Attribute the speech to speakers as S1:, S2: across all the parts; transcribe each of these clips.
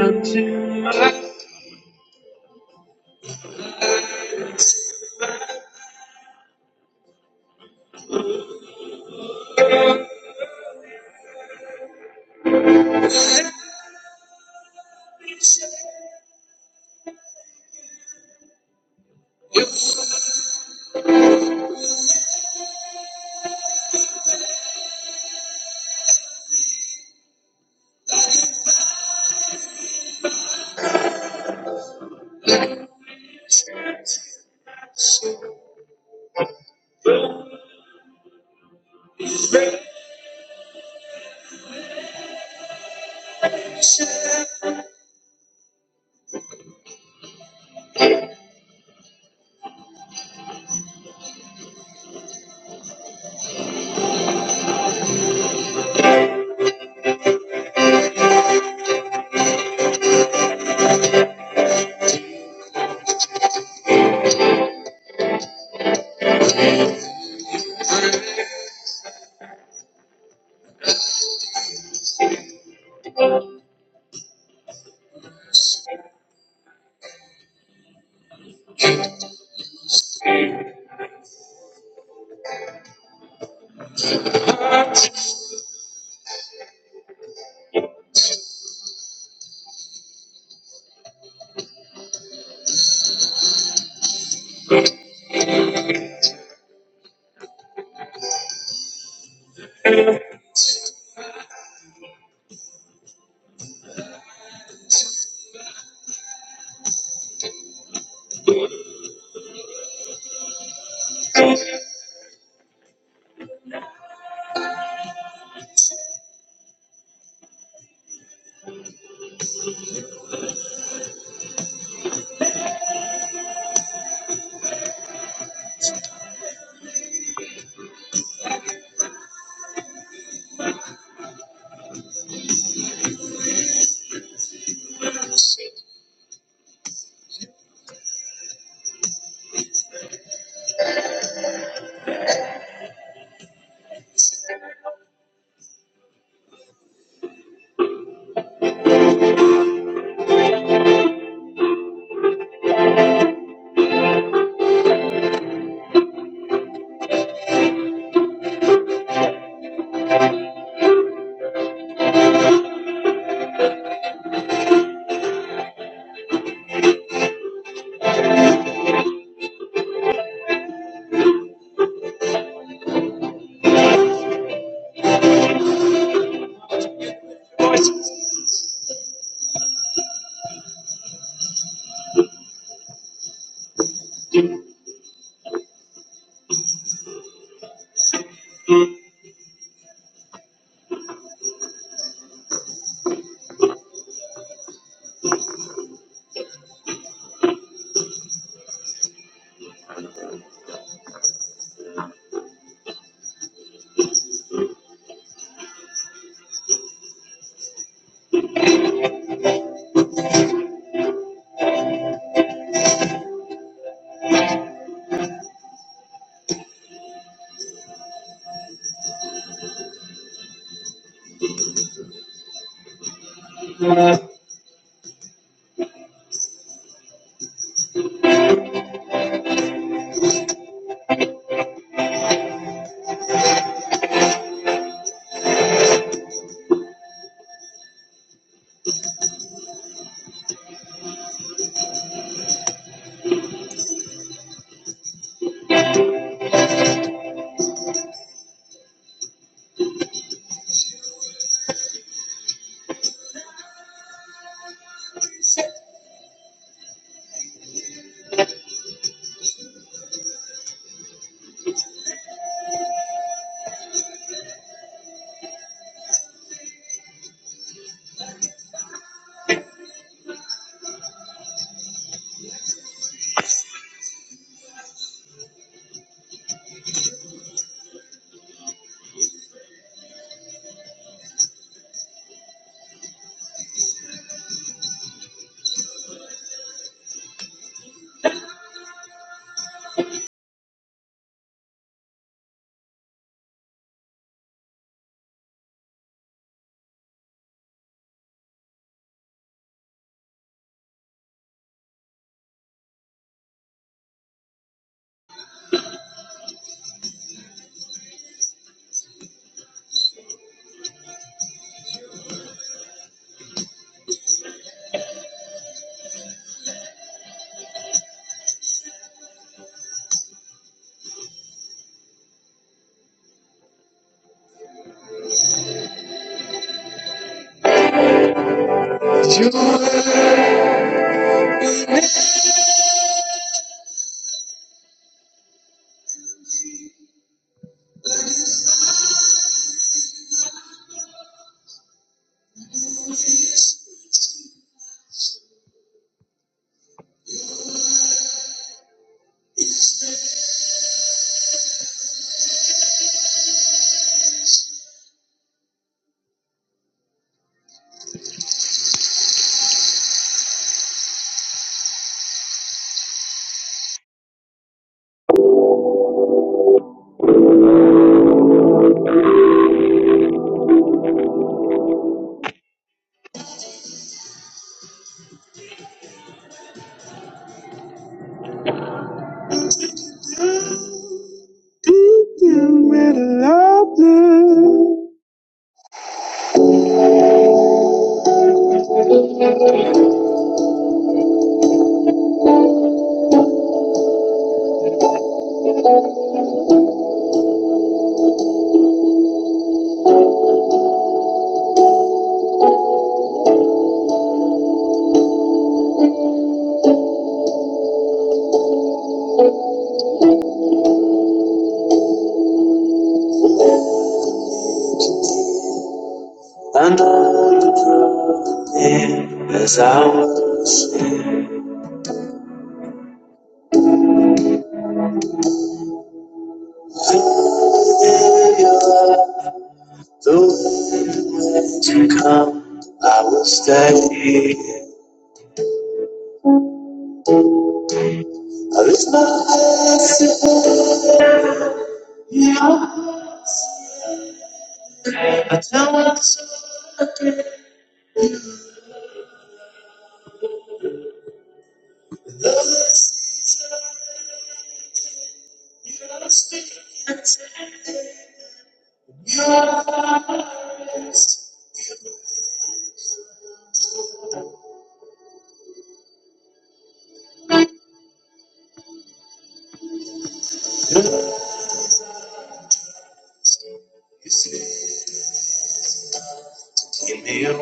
S1: unto the deacon with laughter. And all the broken is out. Familiar, though things come, I will stay. I lift my voice in the air. You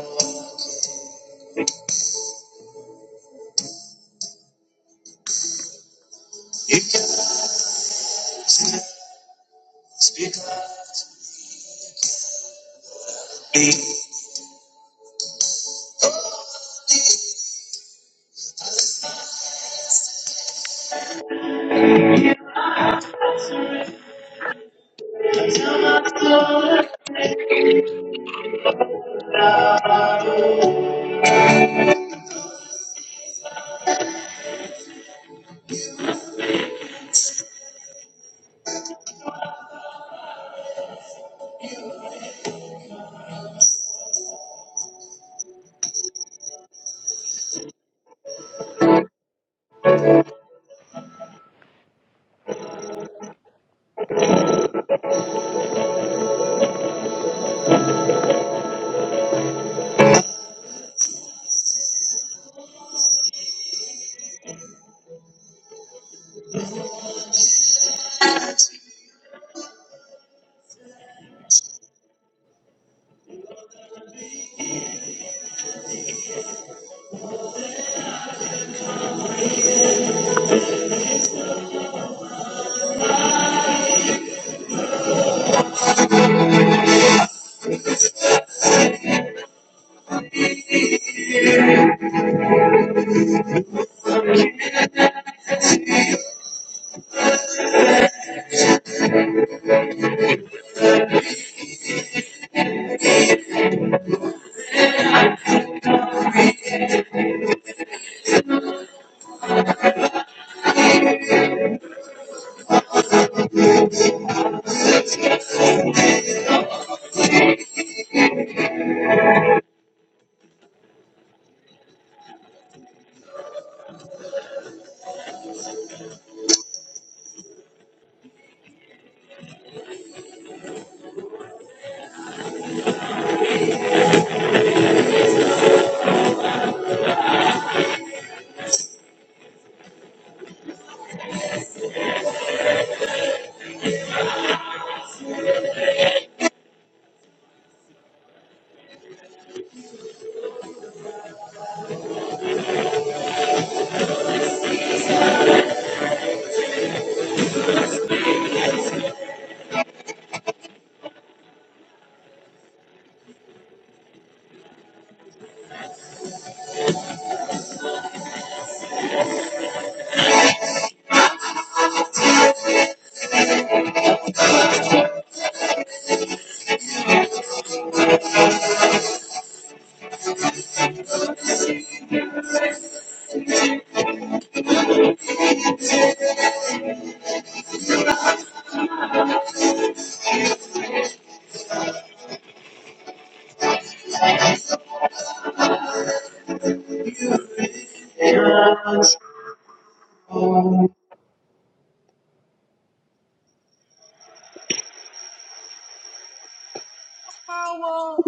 S1: can speak to me.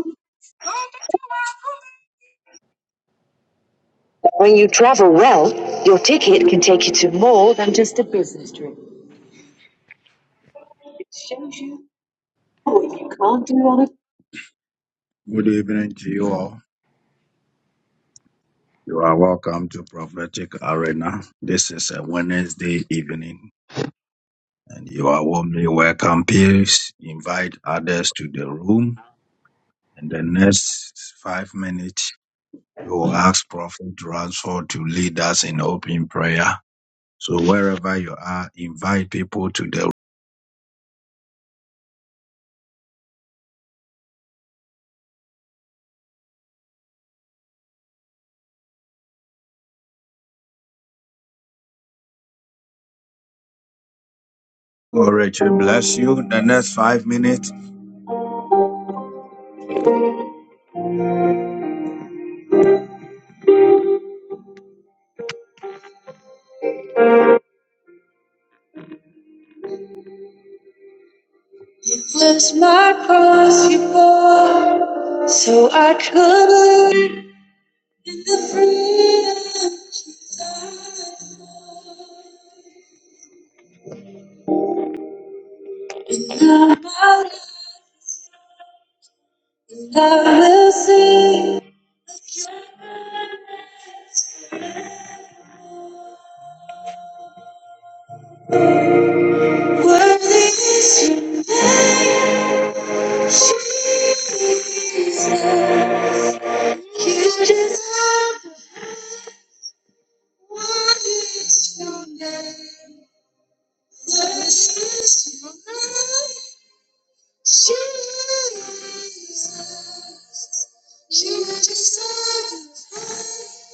S2: Mm,
S1: When you travel well, your ticket can take you to more than. It Was my cross you bore, so I could. In the freedom of my life, I will sing. your praise. Worthy is your name, Jesus. You deserve it. what is your name. Worthy is your name, Jesus. You deserve it.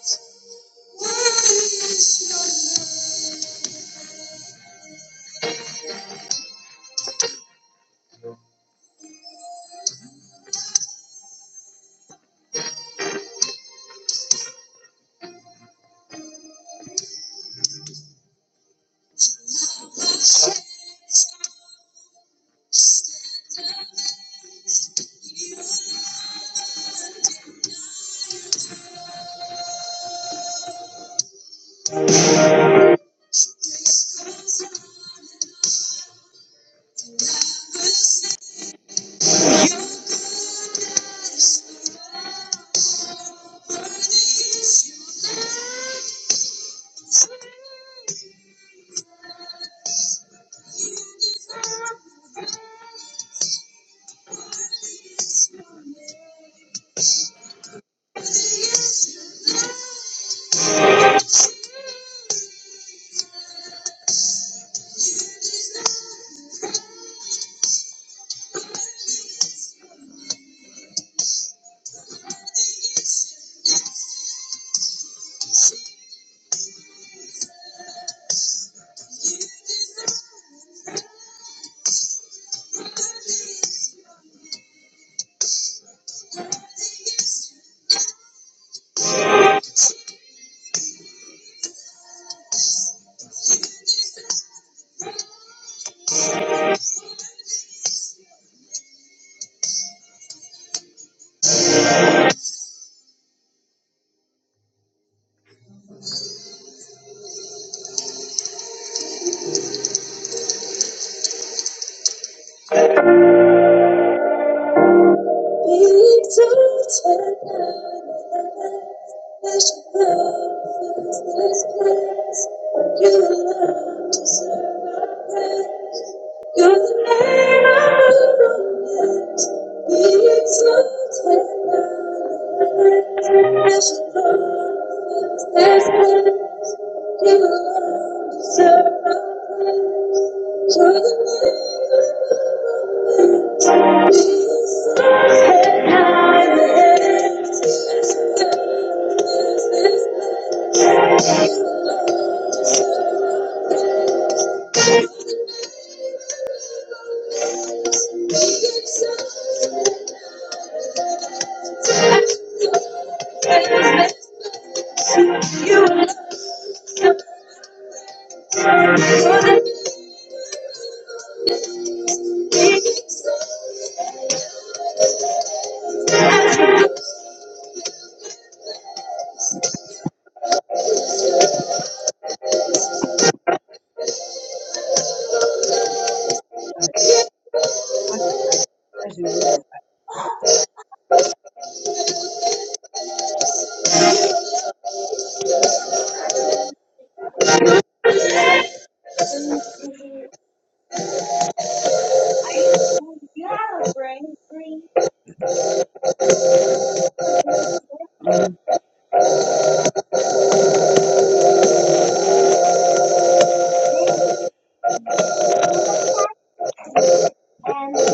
S1: Thank you. Have
S3: like Are you you have a brain green little kids? hmm and big and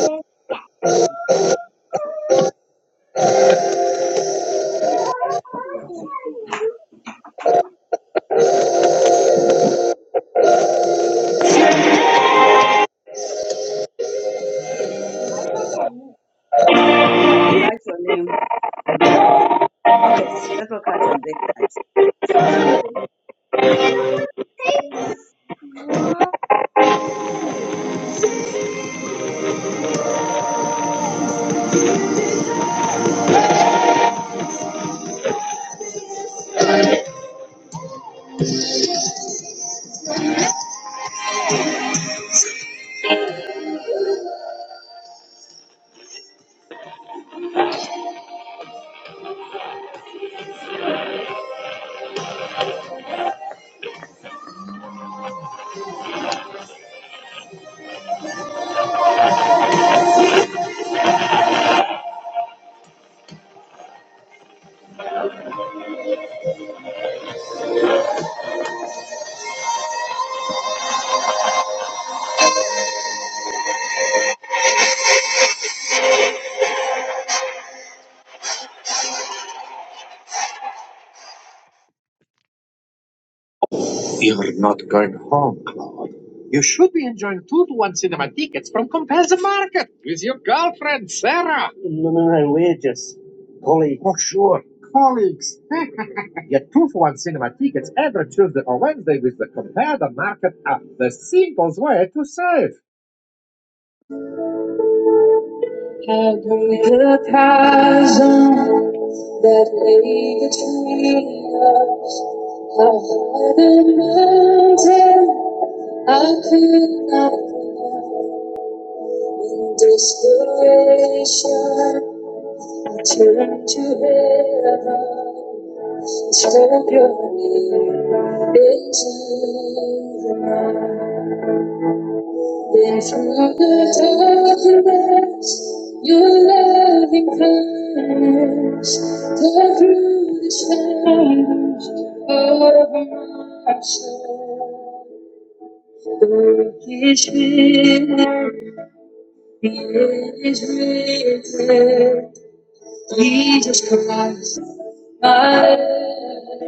S3: So write, write your name on top. Okay, let's go catch and big cats.
S1: we the chasm that lay between us? I had A hidden mountain I could not climb. In desperation, I turned to heaven. Then from the darkness, your loving kindness, tore through the stars over my soul. The work is finished, the end is written. Jesus Christ, my Lord,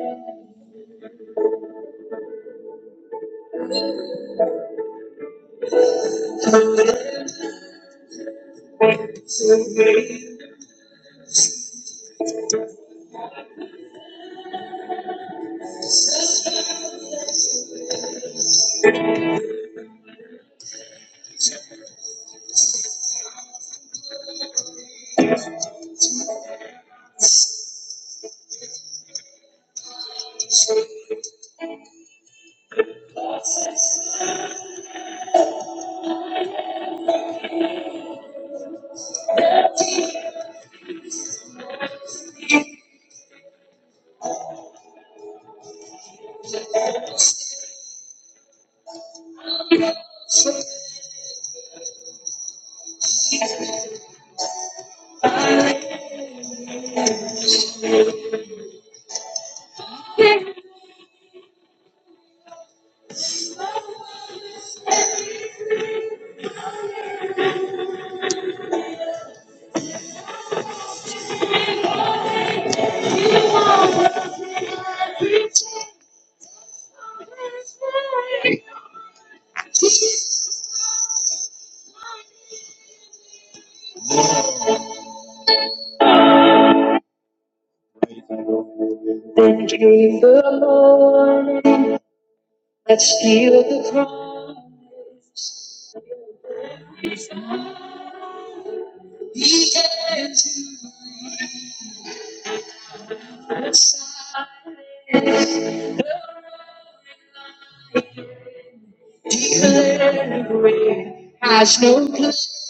S1: so great. Then came the morning that sealed the promise. He had to leave the silence. Declaring has no place.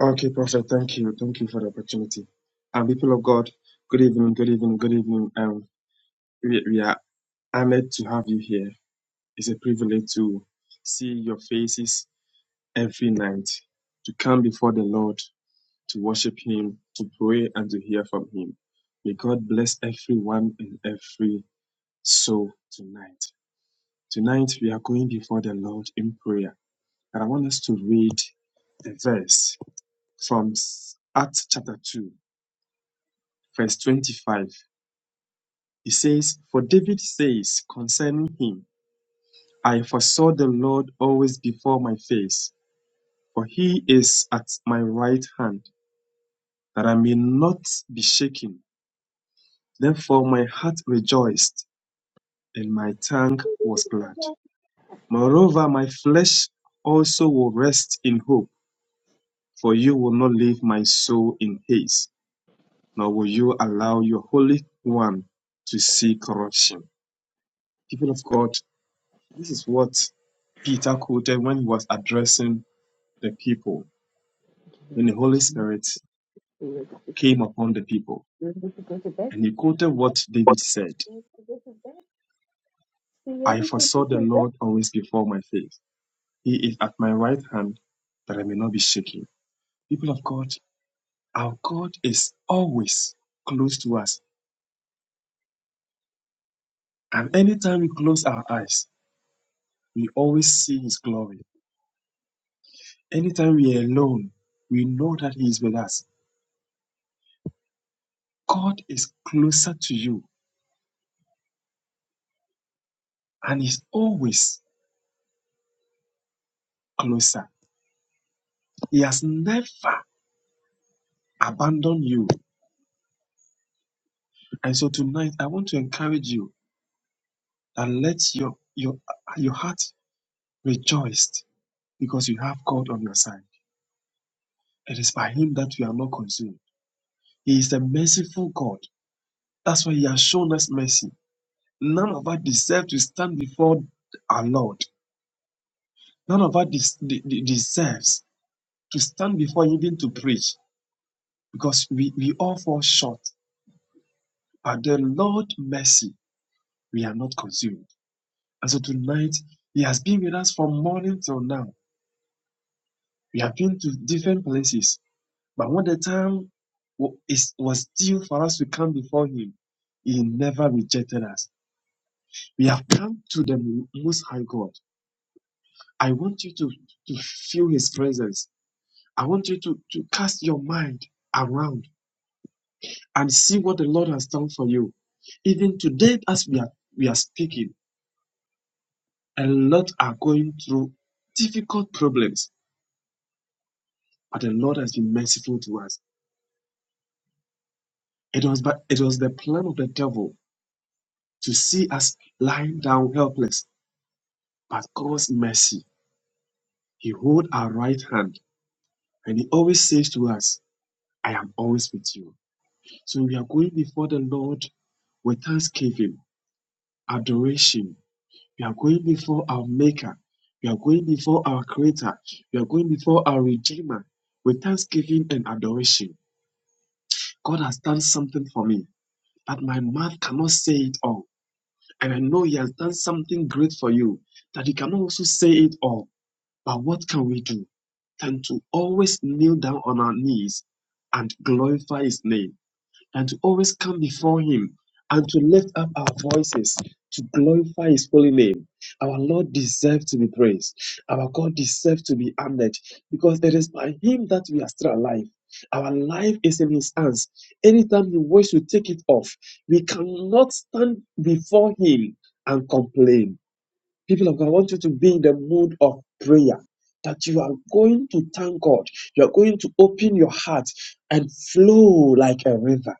S4: Okay, Prophet, thank you. Thank you for the opportunity. And people of God, good evening, good evening, good evening. Um, we, we are honored to have you here. It's a privilege to see your faces every night, to come before the Lord, to worship Him, to pray, and to hear from Him. May God bless everyone and every soul tonight. Tonight, we are going before the Lord in prayer. And I want us to read a verse from Acts chapter 2 verse 25. It says, For David says concerning him, I foresaw the Lord always before my face, for he is at my right hand, that I may not be shaken. Therefore my heart rejoiced, and my tongue was glad. Moreover, my flesh also will rest in hope, for you will not leave my soul in haste, nor will you allow your Holy One to see corruption. People of God, This is what Peter quoted when he was addressing the people, when the
S5: know,
S4: Holy
S5: there's no
S4: Spirit
S5: fear. This
S4: came
S5: is
S4: upon the people.
S5: this is this is this
S4: And he quoted what David said
S5: is this is this is this
S4: I
S5: is this is this is
S4: foresaw
S5: this
S4: the
S5: is this.
S4: Lord always before my face. He is at my right hand that I may not be shaken. People of God, our God is always close to us. And anytime we close our eyes, we always see his glory. Anytime we are alone, we know that he is with us. God is closer to you and he's always closer. He has never abandoned you. And so tonight, I want to encourage you that let your, your, your heart rejoice because you have God on your side. It is by Him that we are not consumed. He is a merciful God. That's why He has shown us mercy. None of us deserve to stand before our Lord. None of us des- de- deserves to stand before Him even to preach because we, we all fall short. But the Lord's mercy, we are not consumed. And so tonight, He has been with us from morning till now. We have been to different places. But when the time is- was due for us to come before Him, He never rejected us. We have come to the Most High God. I want you to, to feel His presence. I want you to, to cast your mind around and see what the Lord has done for you. Even today, as we are, we are speaking, a lot are going through difficult problems, but the Lord has been merciful to us. It was, but it was the plan of the devil to see us lying down helpless. But God's mercy, He holds our right hand, and He always says to us, "I am always with you." So we are going before the Lord with thanksgiving, adoration. We are going before our Maker. We are going before our Creator. We are going before our Redeemer with thanksgiving and adoration. God has done something for me, but my mouth cannot say it all. And I know He has done something great for you that you cannot also say it all. But what can we do? Than to always kneel down on our knees and glorify His name and to always come before Him and to lift up our voices to glorify His holy name. Our Lord deserves to be praised. Our God deserves to be honored because it is by Him that we are still alive. Our life is in His hands. Anytime He wishes to take it off, we cannot stand before Him and complain. People of God, I want you to be in the mood of prayer. That you are going to thank God. You are going to open your heart and flow like a river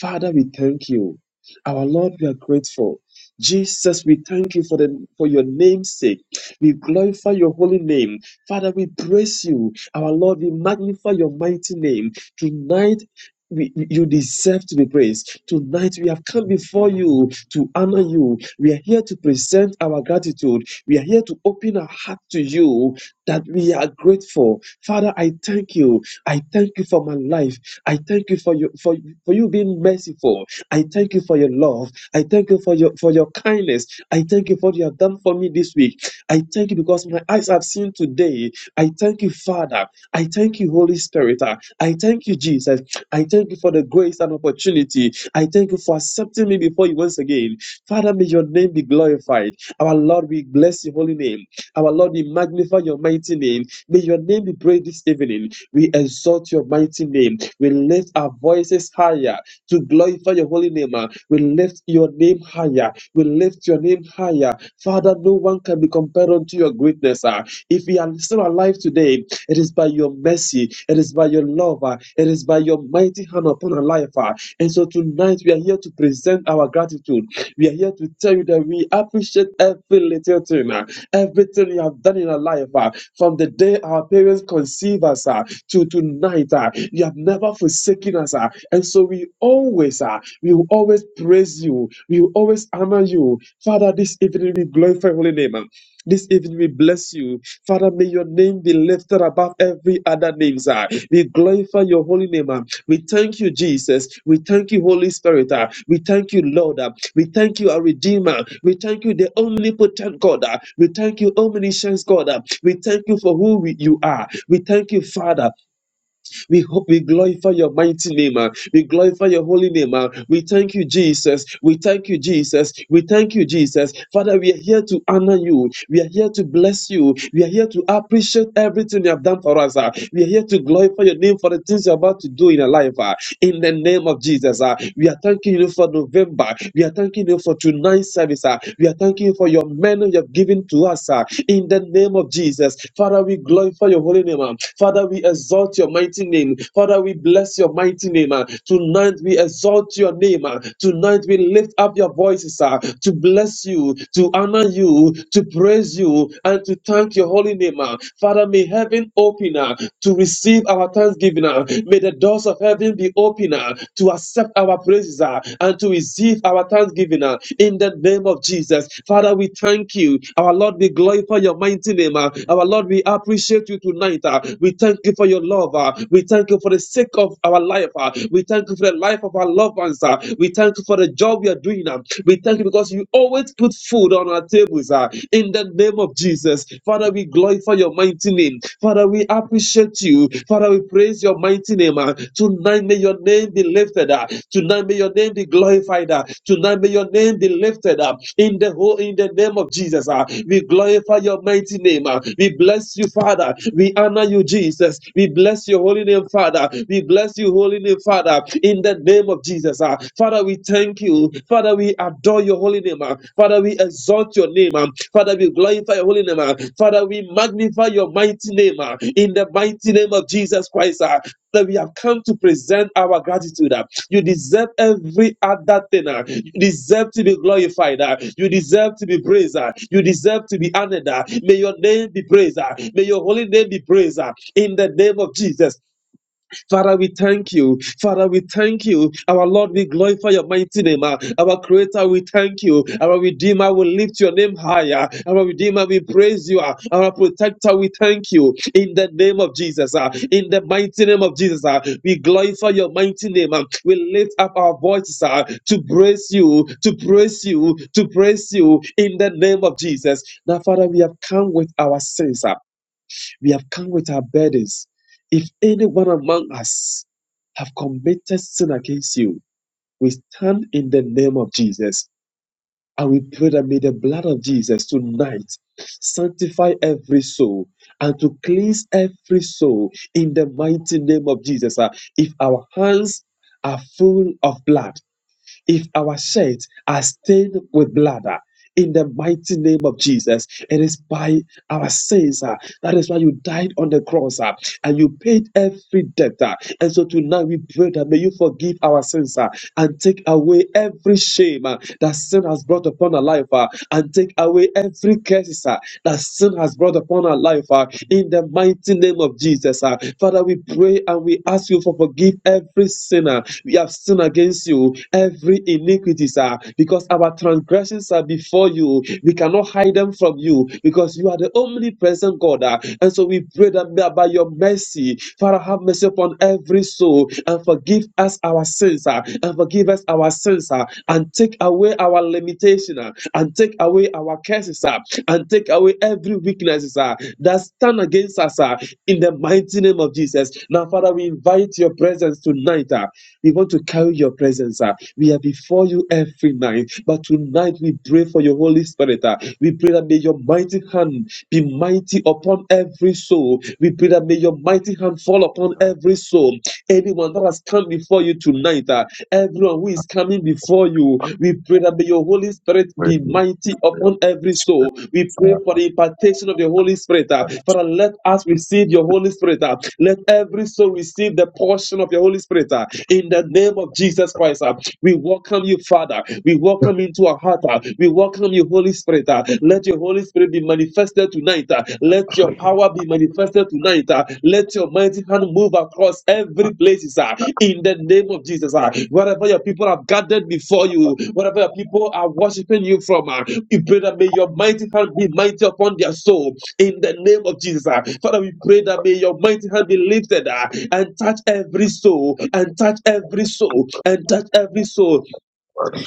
S4: Father, we thank you. Our Lord, we are grateful. Jesus, we thank you for the for your name's sake. We glorify your holy name. Father, we praise you. Our Lord, we magnify your mighty name. Tonight, we, you deserve to be praised. Tonight, we have come before you to honor you. We are here to present our gratitude. We are here to open our heart to you that we are grateful. Father, I thank you. I thank you for my life. I thank you for you for, for you being merciful. I thank you for your love. I thank you for your for your kindness. I thank you for what you have done for me this week. I thank you because my eyes have seen today. I thank you, Father. I thank you, Holy Spirit. Ah, I thank you, Jesus. I thank you for the grace and opportunity. I thank you for accepting me before you once again. Father, may your name be glorified. Our Lord, we bless your holy name. Our Lord, we magnify your mighty name. May your name be praised this evening. We exalt your mighty name. We lift our voices higher to glorify your holy name. ah. We lift your name higher. We lift your name higher. Father, no one can be compared unto your greatness. ah. If we are still alive today, it is by your mercy. It is by your love. ah. It is by your mighty hand upon our life. ah. And so tonight we are here to present our gratitude. We are here to tell you that we appreciate every little thing. ah. Everything you have done in our life, ah, from the day our parents conceived us ah, to tonight, ah, you have never forsaken us. ah. And so we always, ah, we will always praise you. We will always honor you. Father, this evening we glorify your holy name. ah. This evening we bless you. Father, may your name be lifted above every other name, sir. We glorify your holy name. ah. We thank you, Jesus. We thank you, Holy Spirit. ah. We thank you, Lord. ah. We thank you, our Redeemer. We thank you, the omnipotent God. ah. We thank you, omniscient God. ah. We thank you for who we- you are. We thank you, Father. We hope we glorify your mighty name. ah. We glorify your holy name. ah. We thank you, Jesus. We thank you, Jesus. We thank you, Jesus. Father, we are here to honor you. We are here to bless you. We are here to appreciate everything you have done for us. ah. We are here to glorify your name for the things you're about to do in our life. ah in the name of Jesus. ah. we are thanking you for November. We are thanking you for tonight's service. ah. we are thanking you for your men you have given to us ah, in the name of Jesus. Father, we glorify your holy name. ah. Father, we exalt your mighty name. Father, we bless your mighty name. ah. tonight we exalt your name. ah. tonight we lift up your voices ah, to bless you, to honor you, to praise you, and to thank your holy name. ah. Father, may heaven open ah, to receive receive our thanksgiving. uh. May the doors of heaven be open uh, to accept our praises uh, and to receive our thanksgiving uh, in the name of Jesus. Father, we thank you. Our Lord, we glorify your mighty name. uh. Our Lord, we appreciate you tonight. uh. We thank you for your love. uh. We thank you for the sake of our life. uh. We thank you for the life of our loved ones. uh. We thank you for the job we are doing. uh. We thank you because you always put food on our tables uh, in the name of Jesus. Father, we glorify glorify your mighty name. Father, we appreciate you. Father, we praise your mighty name. ah. Tonight may your name be lifted up. Tonight may your name be glorified Tonight may your name be lifted up. In the whole, in the name of Jesus, ah. we glorify your mighty name. ah. We bless you, Father. We honor you, Jesus. We bless your holy name, Father. We bless you, holy name, Father. In the name of Jesus, ah. Father, we thank you. Father, we adore your holy name. ah. Father, we exalt your name. ah. Father, we glorify your holy name. ah. Father, we magnify your mighty name ah, in the mighty name of Jesus Christ. ah, That we have come to present our gratitude. ah. You deserve every other thing. ah. You deserve to be glorified. ah. You deserve to be praised. ah. You deserve to be honored. ah. May your name be praised. ah. May your holy name be praised ah, in the name of Jesus. Father, we thank you. Father, we thank you. Our Lord, we glorify your mighty name. ah. Our Creator, we thank you. Our Redeemer, we lift your name higher. Our Redeemer, we praise you. ah. Our Protector, we thank you. In the name of Jesus, ah. in the mighty name of Jesus, ah. we glorify your mighty name. ah. We lift up our voices ah, to praise you, to praise you, to praise you in the name of Jesus. Now, Father, we have come with our sins. ah. We have come with our burdens. If anyone among us have committed sin against you, we stand in the name of Jesus and we pray that may the blood of Jesus tonight sanctify every soul and to cleanse every soul in the mighty name of Jesus. Ah, If our hands are full of blood, if our shirts are stained with blood ah, in the mighty name of Jesus. It is by our sins. ah. That is why you died on the cross ah, and you paid every debt. ah. And so tonight we pray that may you forgive our sins ah, and take away every shame ah, that sin has brought upon our life ah, and take away every curse ah, that sin has brought upon our life ah, in the mighty name of Jesus. ah. Father, we pray and we ask you for forgive every sinner sinner. We have sinned against you. Every iniquity, sir, because our transgressions are before you. We cannot hide them from you because you are the omnipresent God. ah. And so we pray that by by your mercy, Father, have mercy upon every soul and forgive us our sins ah, and forgive us our sins ah, and take away our limitation ah, and take away our curses. ah ah, and take away every weakness ah, that stand against us ah, in the mighty name of Jesus. Now, Father, we invite your presence tonight. ah. We want to carry your presence. ah. We are before you every night, but tonight we pray for your Holy Spirit. ah. We pray that may your mighty hand be mighty upon every soul. We pray that may your mighty hand fall upon every soul Anyone that has come before you tonight, uh, everyone who is coming before you, we pray that may your Holy Spirit be mighty upon every soul. We pray for the impartation of the Holy Spirit. Uh, Father, let us receive your Holy Spirit. uh, Let every soul receive the portion of your Holy Spirit uh, in the name of Jesus Christ. uh. We welcome you, Father. We welcome into our heart. uh, We welcome you, Holy Spirit. uh, Let your Holy Spirit be manifested tonight. uh, Let your power be manifested tonight. uh, Let your mighty hand move across every place uh, in the name of Jesus. uh, Wherever your people are gathered before you, wherever your people are worshiping you from, uh, we pray that may your mighty hand be mighty upon their soul in the name of Jesus. uh. Father, we pray that may your mighty hand be lifted uh, and touch every soul, and touch every soul, and touch every soul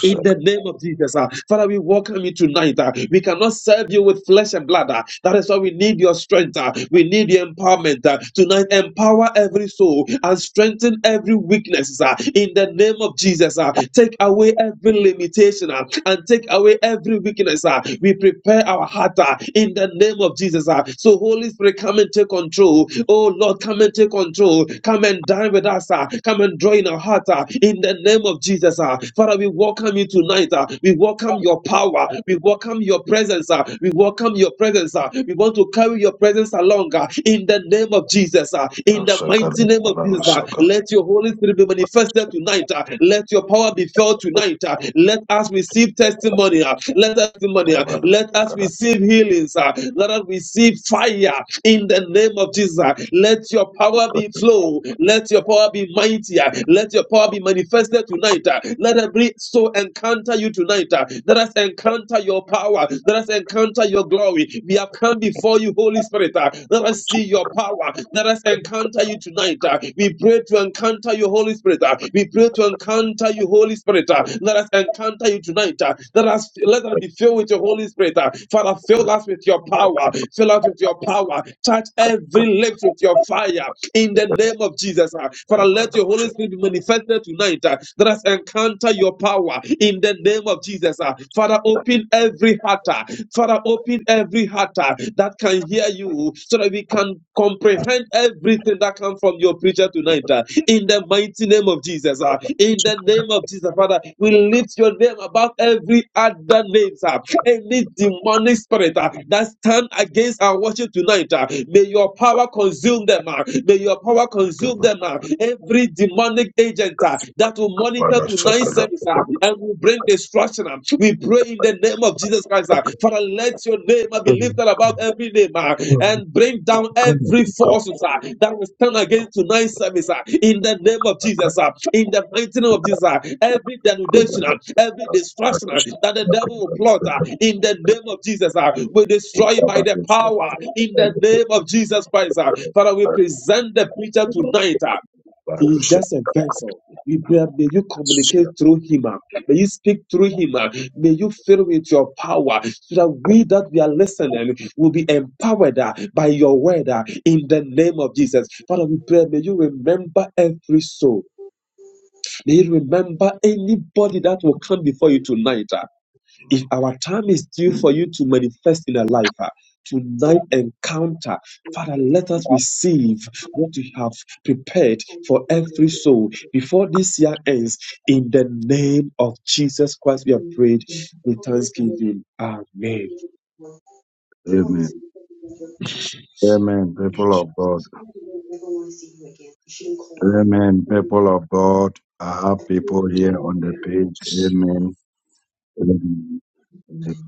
S4: in the name of Jesus. ah. Father, we welcome you tonight. ah. we cannot serve you with flesh and blood. ah. that is why we need your strength. ah. we need your empowerment. ah. tonight, empower every soul and strengthen every weakness ah, in the name of Jesus. ah. take away every limitation ah, and take away every weakness. ah. we prepare our heart ah, in the name of Jesus. ah. so, Holy Spirit, come and take control. Oh Lord, come and take control. Come and dine with us. ah. come and draw in our heart ah, in the name of Jesus. ah uh, Father, we welcome you tonight. uh, we welcome your power. We welcome your presence. uh, we welcome your presence. uh, we want to carry your presence along uh, in the name of Jesus. uh, in the mighty name of Jesus, uh, let your Holy Spirit be manifested tonight. uh, let your power be felt tonight. uh, let us receive testimony. uh, let us testimony. uh, let us receive healings. uh, let us receive fire in the name of Jesus. uh, Let your power be flow. Let your power be mightier. Let your power be manifested Father, tonight, uh, let every soul encounter you tonight. uh, Let us encounter your power. Let us encounter your glory. We have come before you, Holy Spirit. uh, Let us see your power. Let us encounter you tonight. uh, We pray to encounter you, Holy Spirit. uh, We pray to encounter you, Holy Spirit. uh, Let us encounter you tonight. uh, Let us let us be filled with your Holy Spirit. uh, Father, fill us with your power. Fill us with your power. Touch every lips with your fire in the name of Jesus. uh, Father, let your Holy Spirit be manifested offended tonight uh, that has encountered your power in the name of Jesus. uh, Father, open every heart. uh, Father, open every heart uh, that can hear you so that we can comprehend everything that comes from your preacher tonight. uh, in the mighty name of Jesus. uh, in the name of Jesus, Father, we lift your name above every other name, sir. Any demonic spirit uh, that stand against our worship tonight, uh, may your power consume them. uh, may your power consume them. uh, every demonic agent uh, that will monitor tonight's service uh, and will bring destruction. uh. We pray in the name of Jesus Christ. uh, Father, let your name uh, be lifted above every name uh, and bring down every force uh, that will stand against tonight's service uh, in the name of Jesus. uh, In the mighty name of Jesus, uh, every denudation, uh, every destruction uh, that the devil will plot uh, in the name of Jesus, uh, we destroy it by the power in the name of Jesus Christ. uh. Father, we present the preacher tonight. uh, he is just a vessel. You- May you communicate through him. ah. May you speak through him. ah. May you fill with your power so that we that we are listening will be empowered ah, by your word ah, in the name of Jesus. Father, we pray, may you remember every soul. May you remember anybody that will come before you
S6: You
S4: tonight if our time is due for you to manifest in our
S6: don't need
S4: life, uh,
S6: to
S4: tonight
S6: look at
S4: encounter,
S6: the
S4: Father, let us receive what you have prepared for every soul before this year ends. In the name of Jesus Christ, we have prayed with thanksgiving. Amen.
S6: majority. never want to see you again. You shouldn't call me. I think you can know you probably
S4: Amen.
S6: do that. Amen.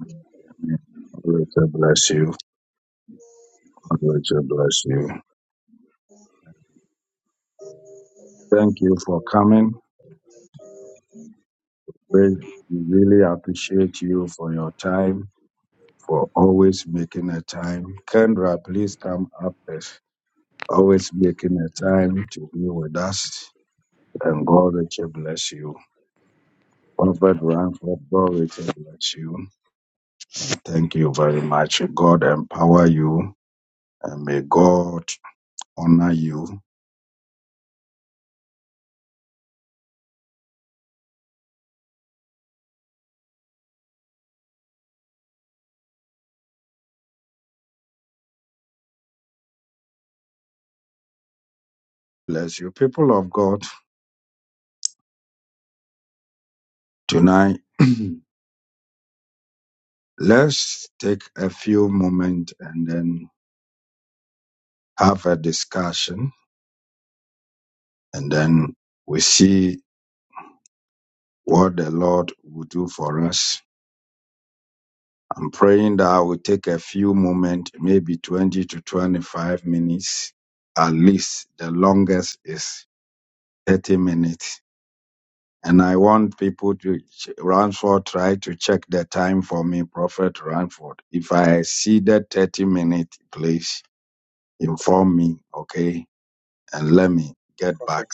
S4: Prophet.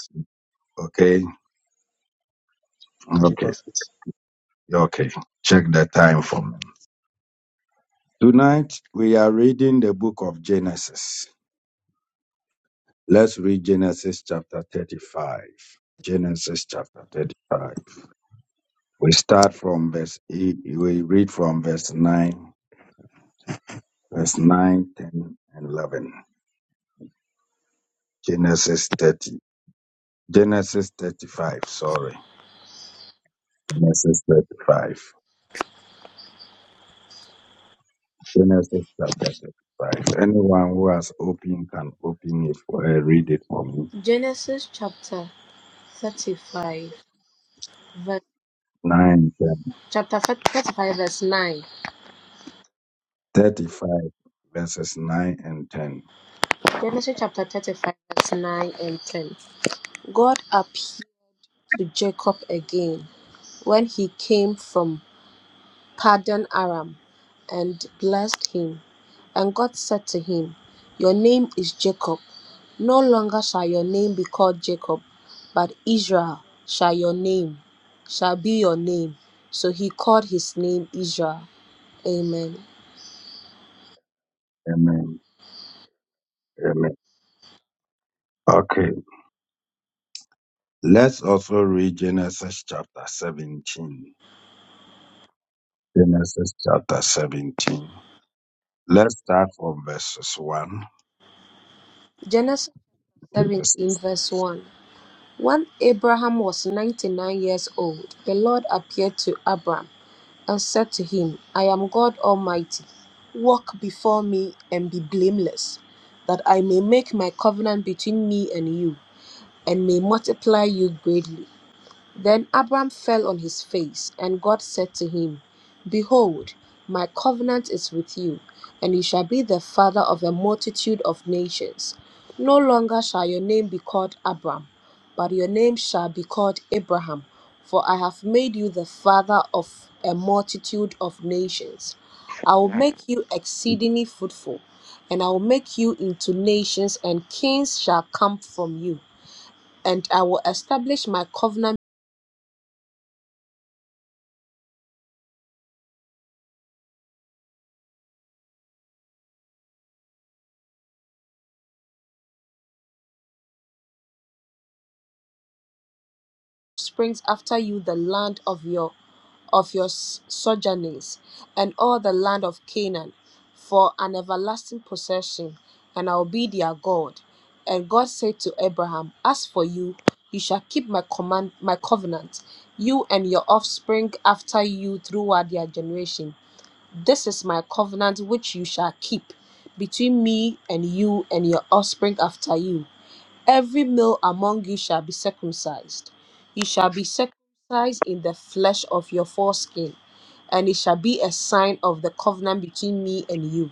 S4: Okay, prophet.
S7: Genesis chapter 35 verse chapter 35 verse 9 Genesis chapter 35 verse 9 and 10 God appeared to Jacob again when he came from Paddan Aram and blessed him and God said to him your name is Jacob no longer shall your name be called Jacob but Israel shall your name shall be your name so he called his name Israel amen Genesis 17, verse 1. When Abraham was 99 years old, the Lord appeared to Abram and said to him, I am God Almighty. Walk before me and be blameless, that I may make my covenant between me and you, and may multiply you greatly. Then Abram fell on his face, and God said to him, Behold, my covenant is with you, and you shall be the father of a multitude of nations. No longer shall your name be called Abram, but your name shall be called Abraham, for I have made you the father of a multitude of nations. I will make you exceedingly fruitful, and I will make you into nations, and kings shall come from you. And I will establish my covenant springs after you the land of your of your s- sojournings, and all the land of Canaan for an everlasting possession, and I will be their God. And God said to Abraham, As for you, you shall keep my command, my covenant, you and your offspring after you throughout their generation. This is my covenant which you shall keep between me and you and your offspring after you. Every male among you shall be circumcised. You shall be circumcised in the flesh of your foreskin, and it shall be a sign of the covenant between me and you.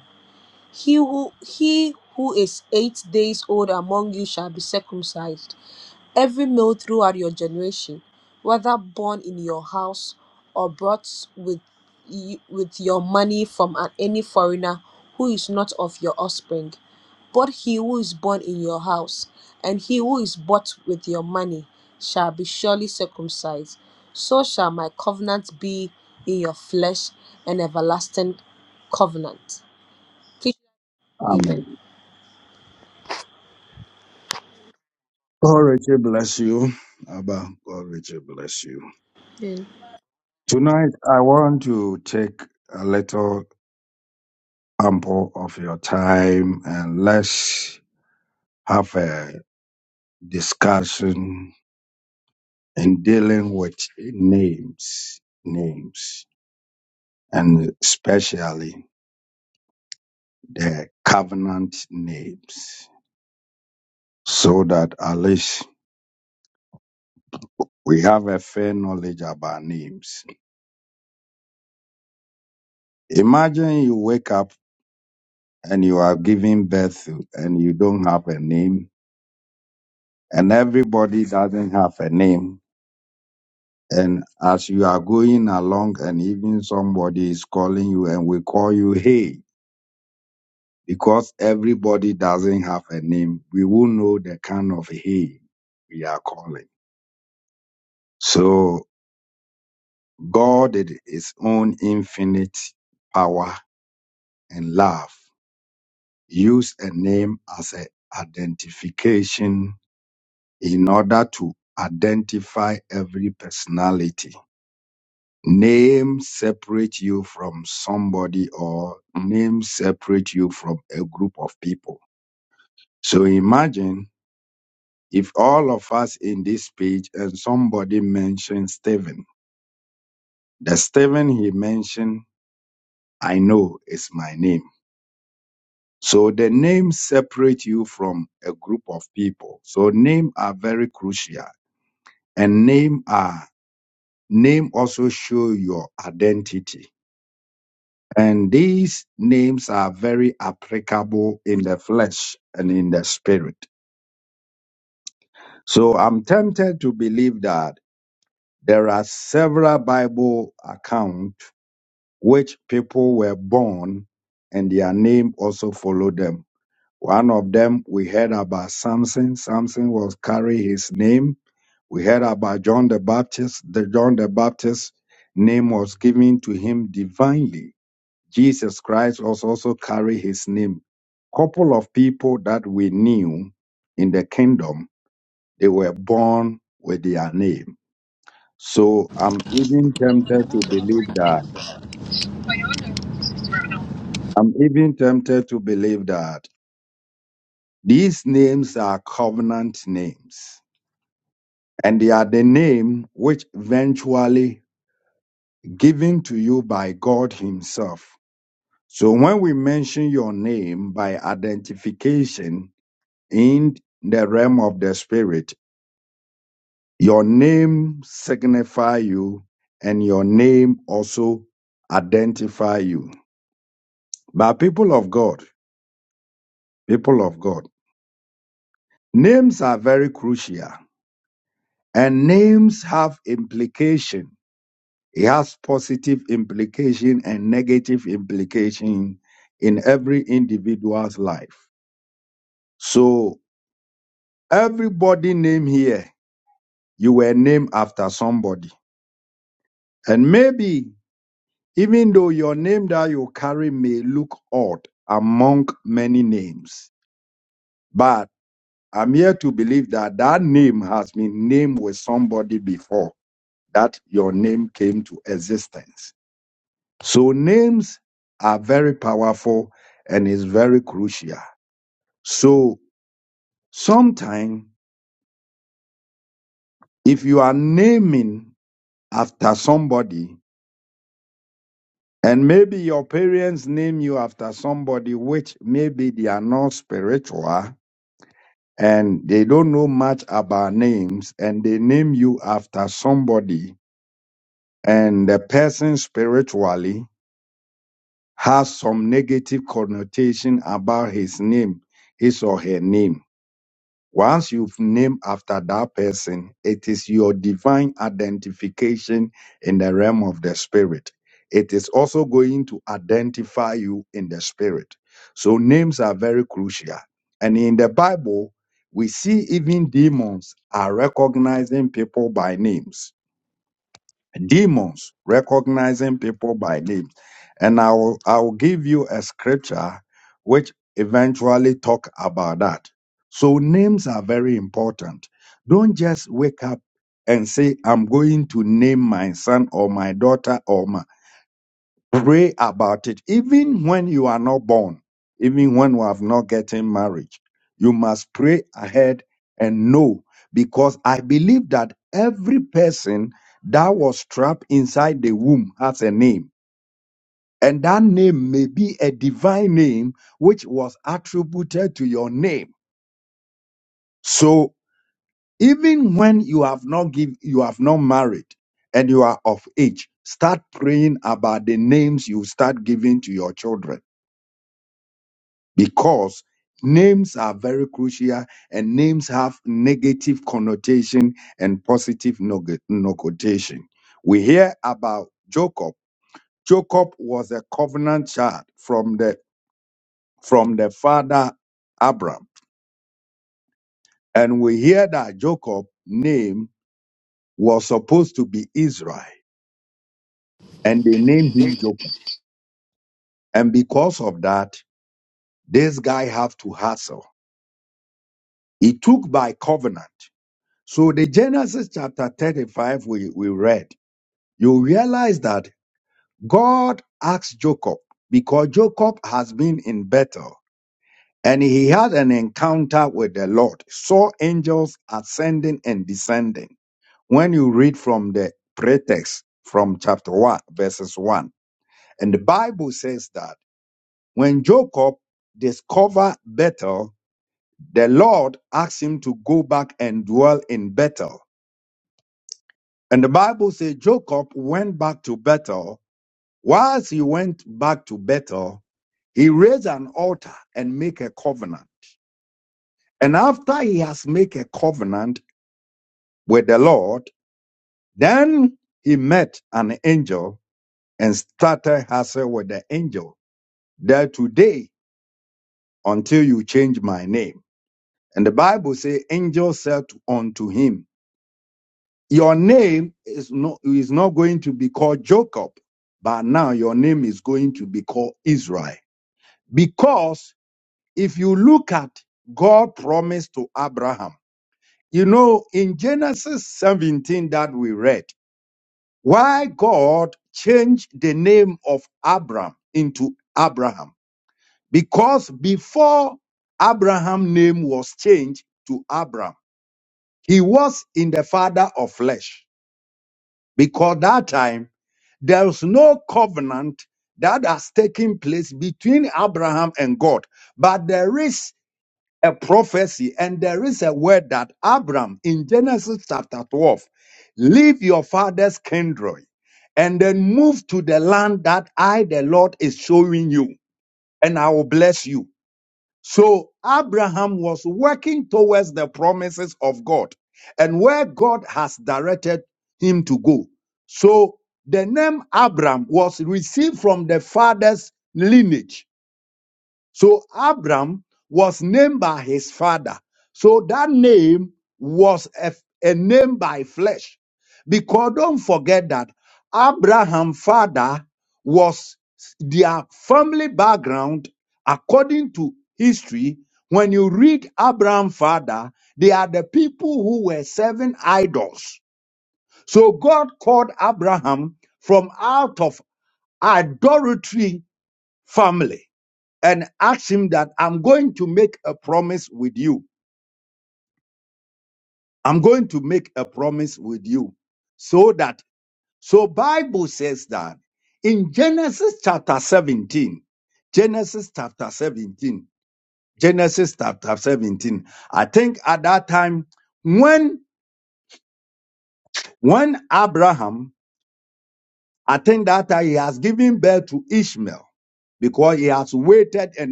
S7: He who he who is eight days old among you shall be circumcised Every male throughout your generation, whether born in your house or brought with you, with your money from an, any foreigner who is not of your offspring, but he who is born in your house and he who is bought with your money shall be surely circumcised. So shall my covenant be in your flesh, an everlasting covenant. Please, amen.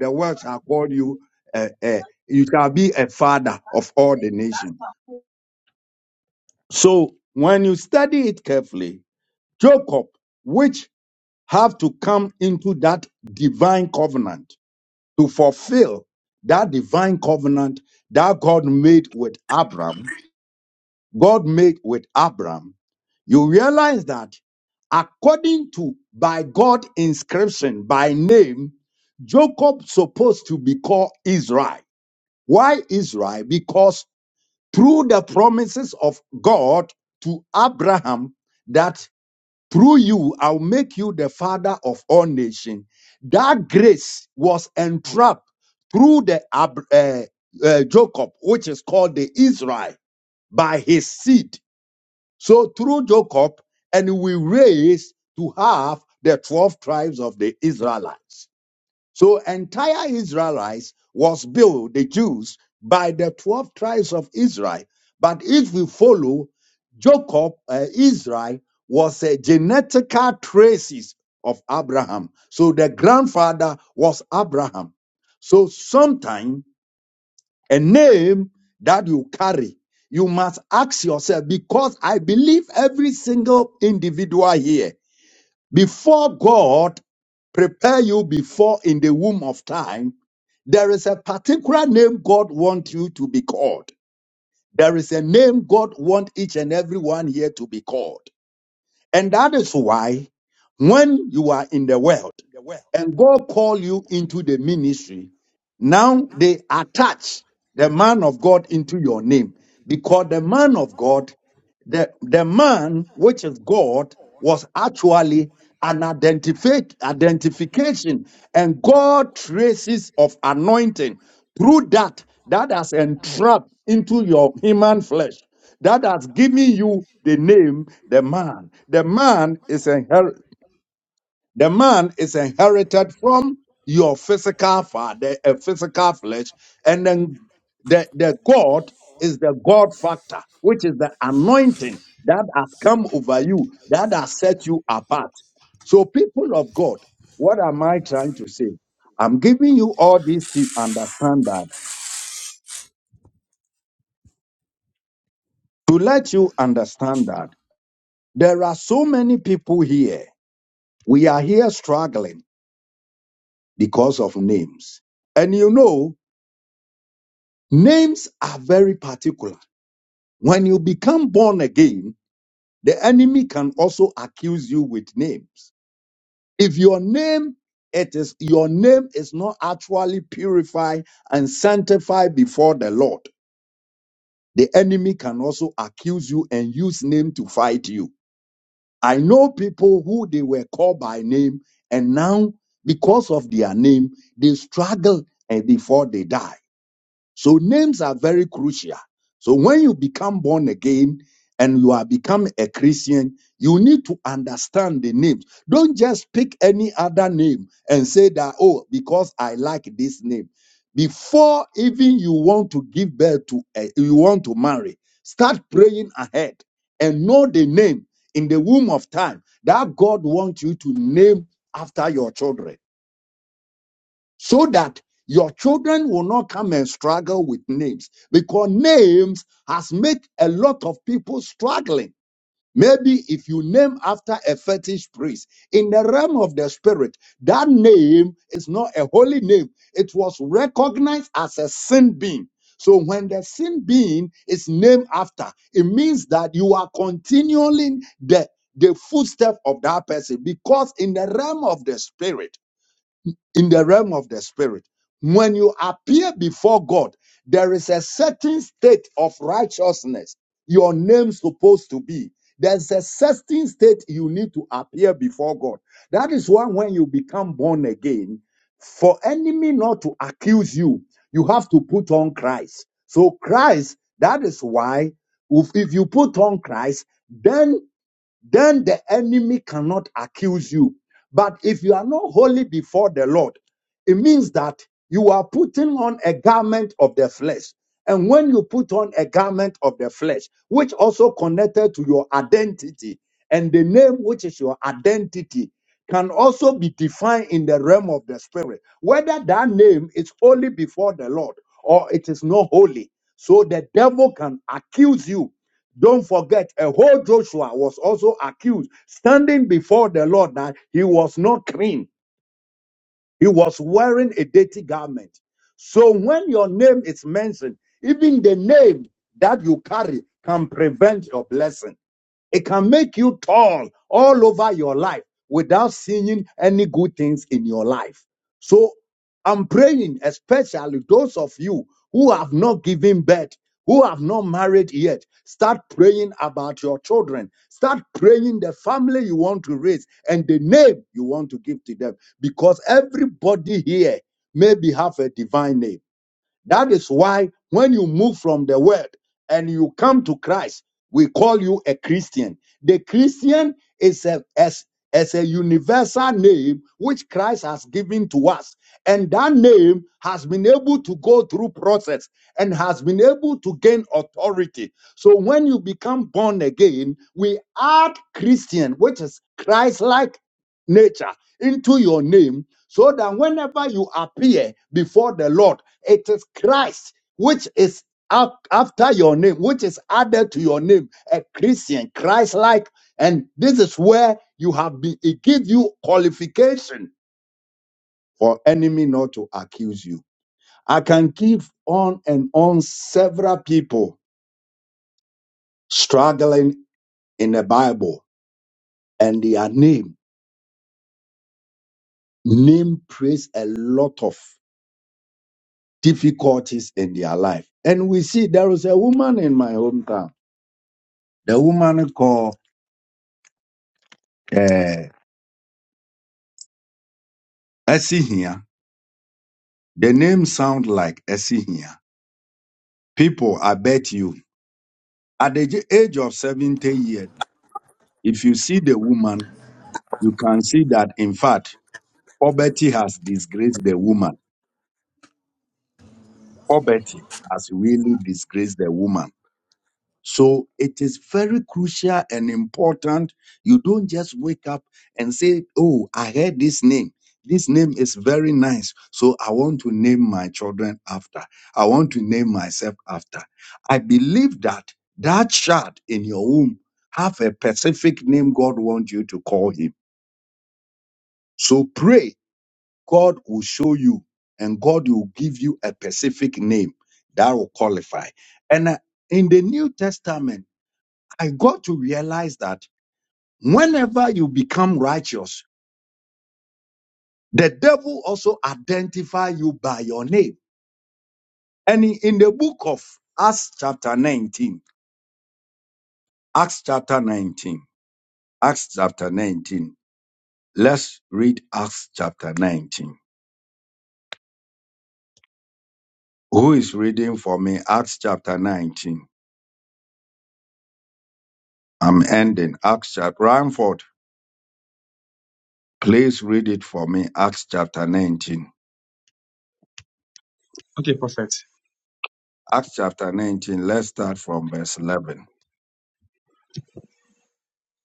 S8: Because I'm like, that's not cool.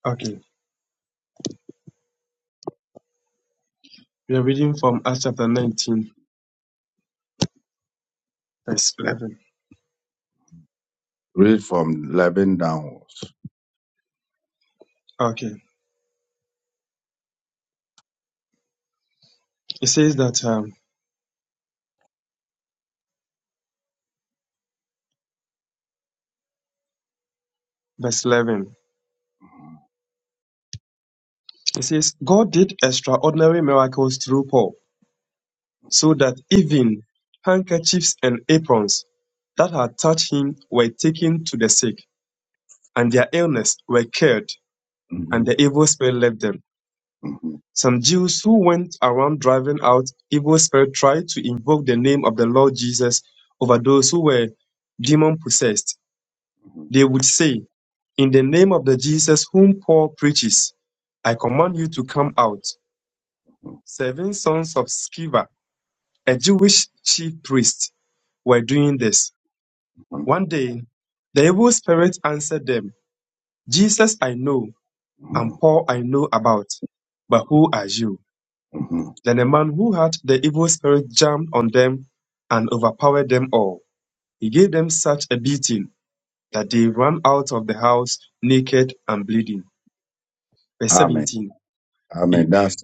S4: Okay, we are reading from Acts chapter 19, verse 11. Okay, it says that, um, verse 11, it says, God did extraordinary miracles through Paul so that even handkerchiefs and aprons that had touched him were taken to the sick, and their illness were cured, and the evil spirit left them. Some Jews who went around driving out evil spirit tried to invoke the name of the Lord Jesus over those who were demon possessed. They would say, In the name of the Jesus whom Paul preaches, I command you to come out. Seven sons of Sceva, a Jewish chief priest, were doing this. One day, the evil spirit answered them, Jesus I know, and Paul I know about, but who are you? Then a man who had the evil spirit jumped on them and overpowered them all. He gave them such a beating that they ran out of the house naked and bleeding. Verse 17. Amen.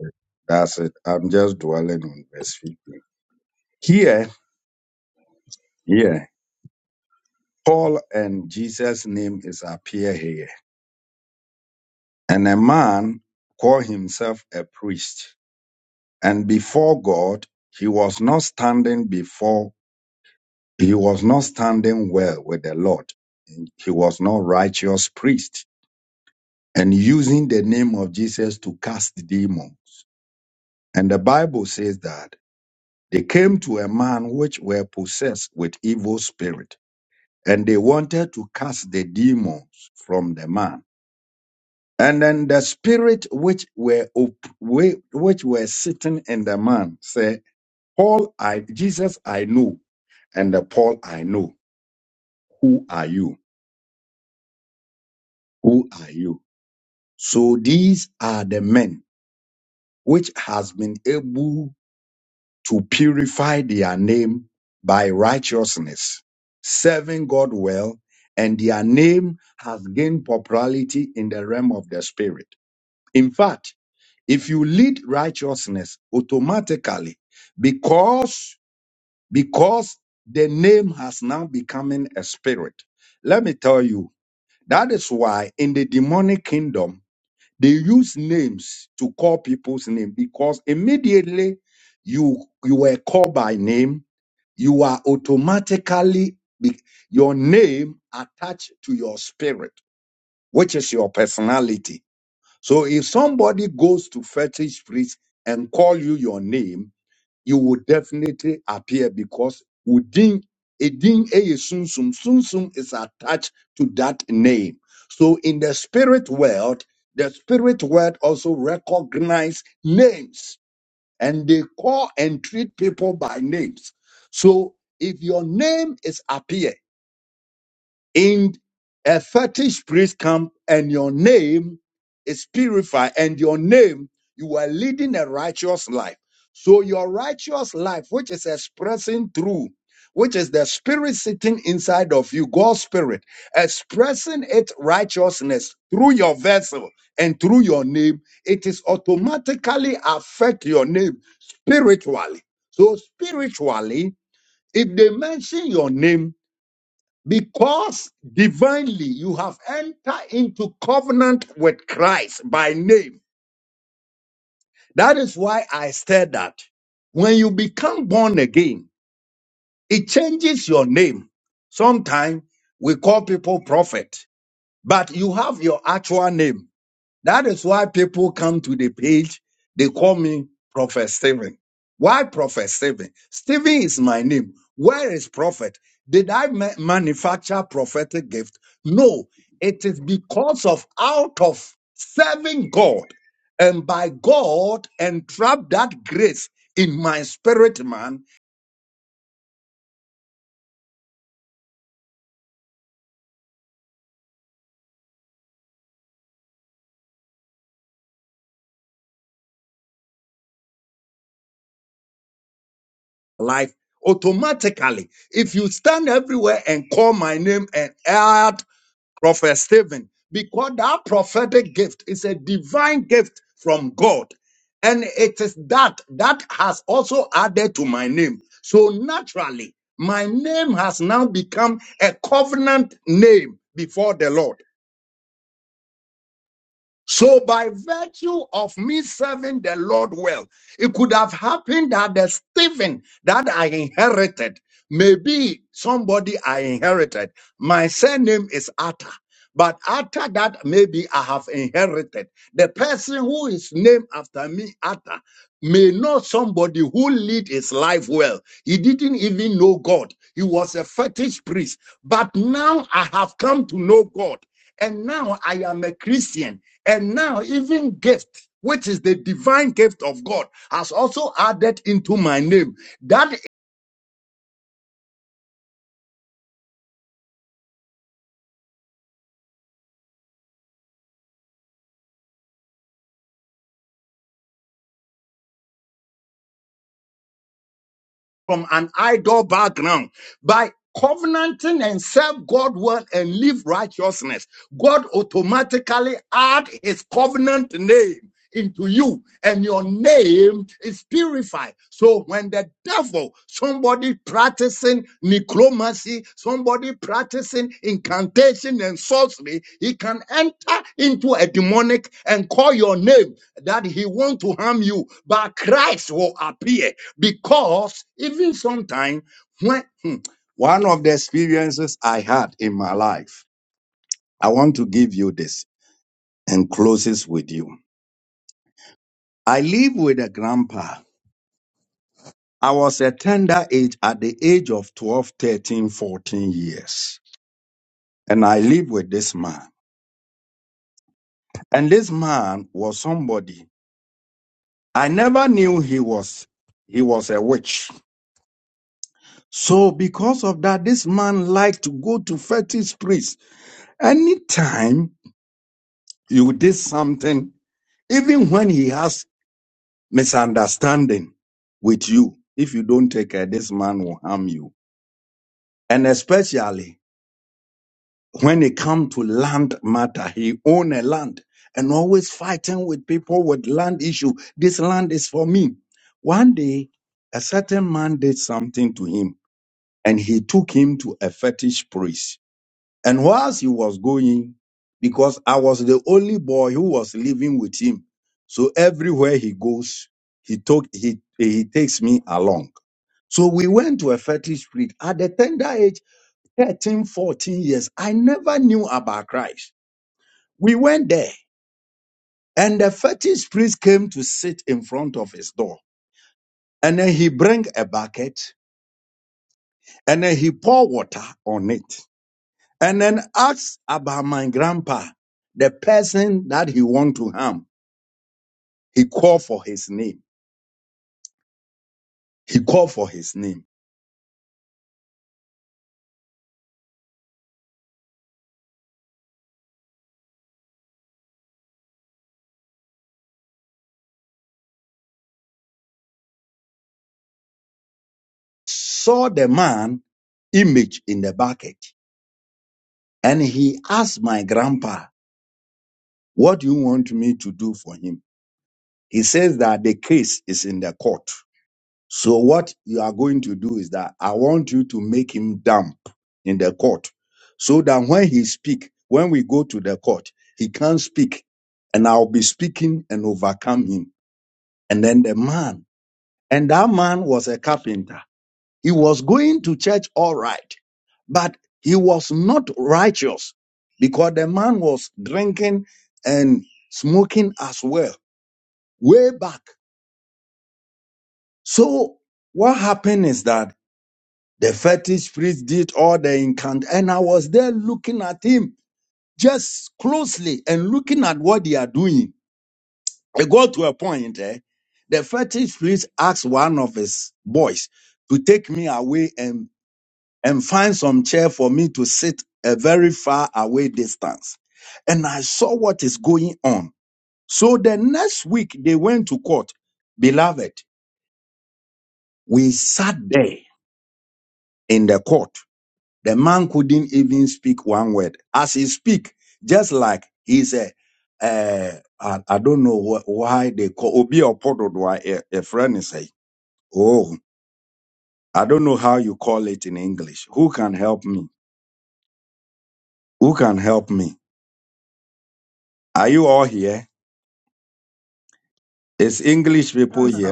S9: Tamara,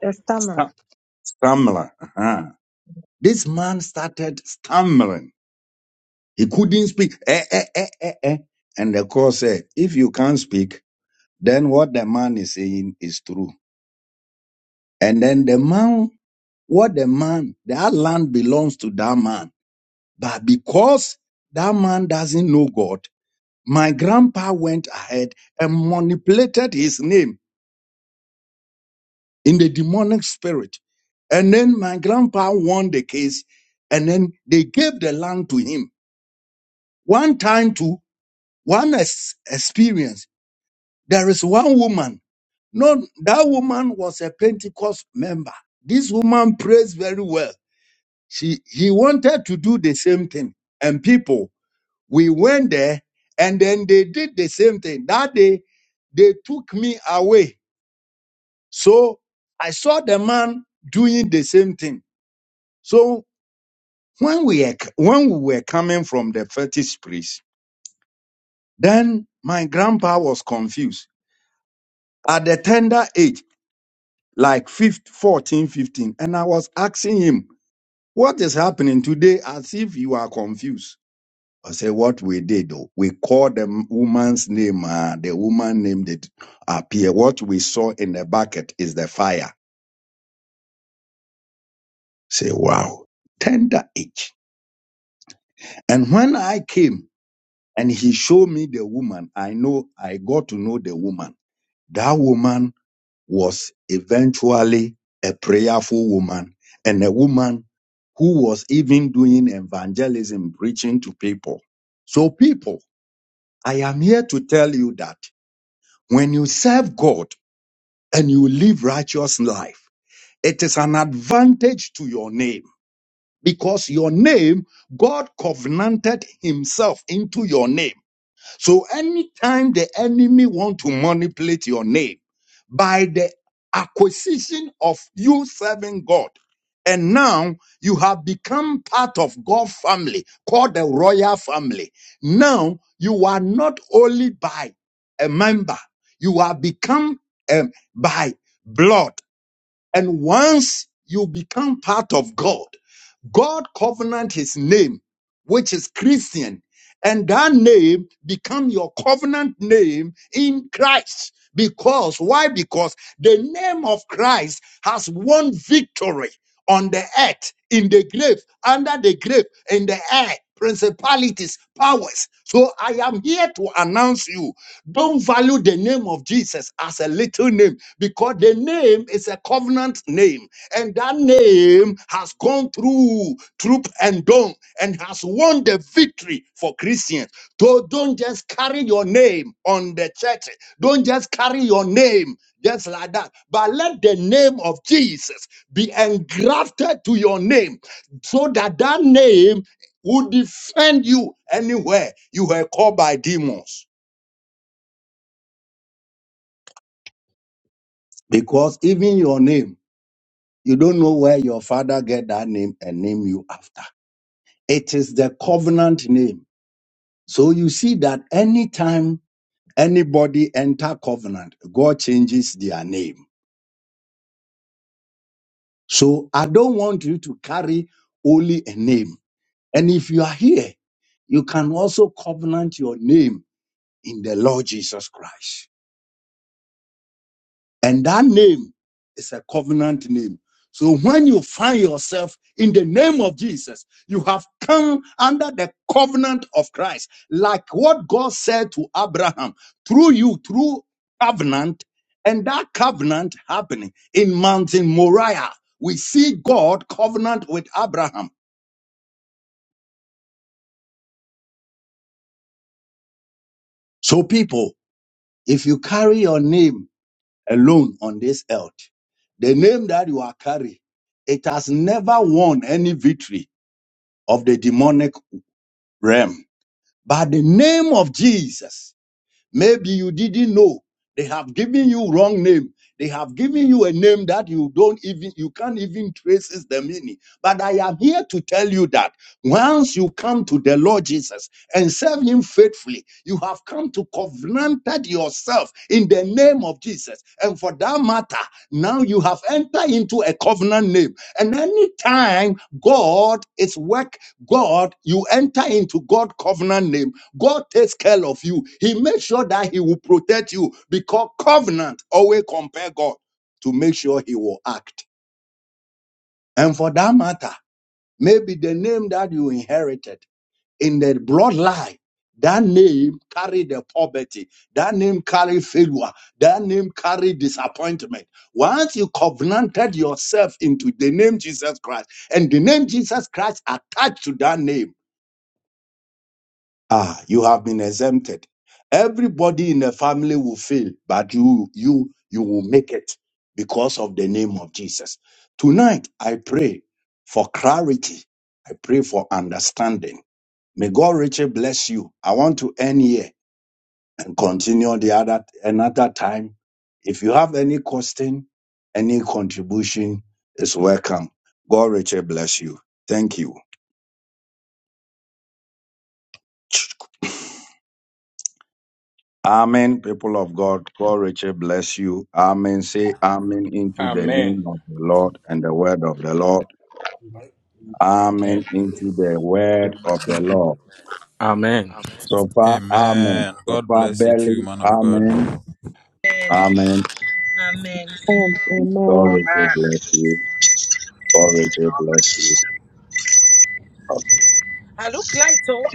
S9: there's Tamara.
S10: Amen. Amen.
S4: Amen. Thank you, Prophet.
S10: Amen.
S11: Amen. God bless you too, man of God.
S12: Amen. Amen.
S5: Amen. Amen.
S12: I look light, oh.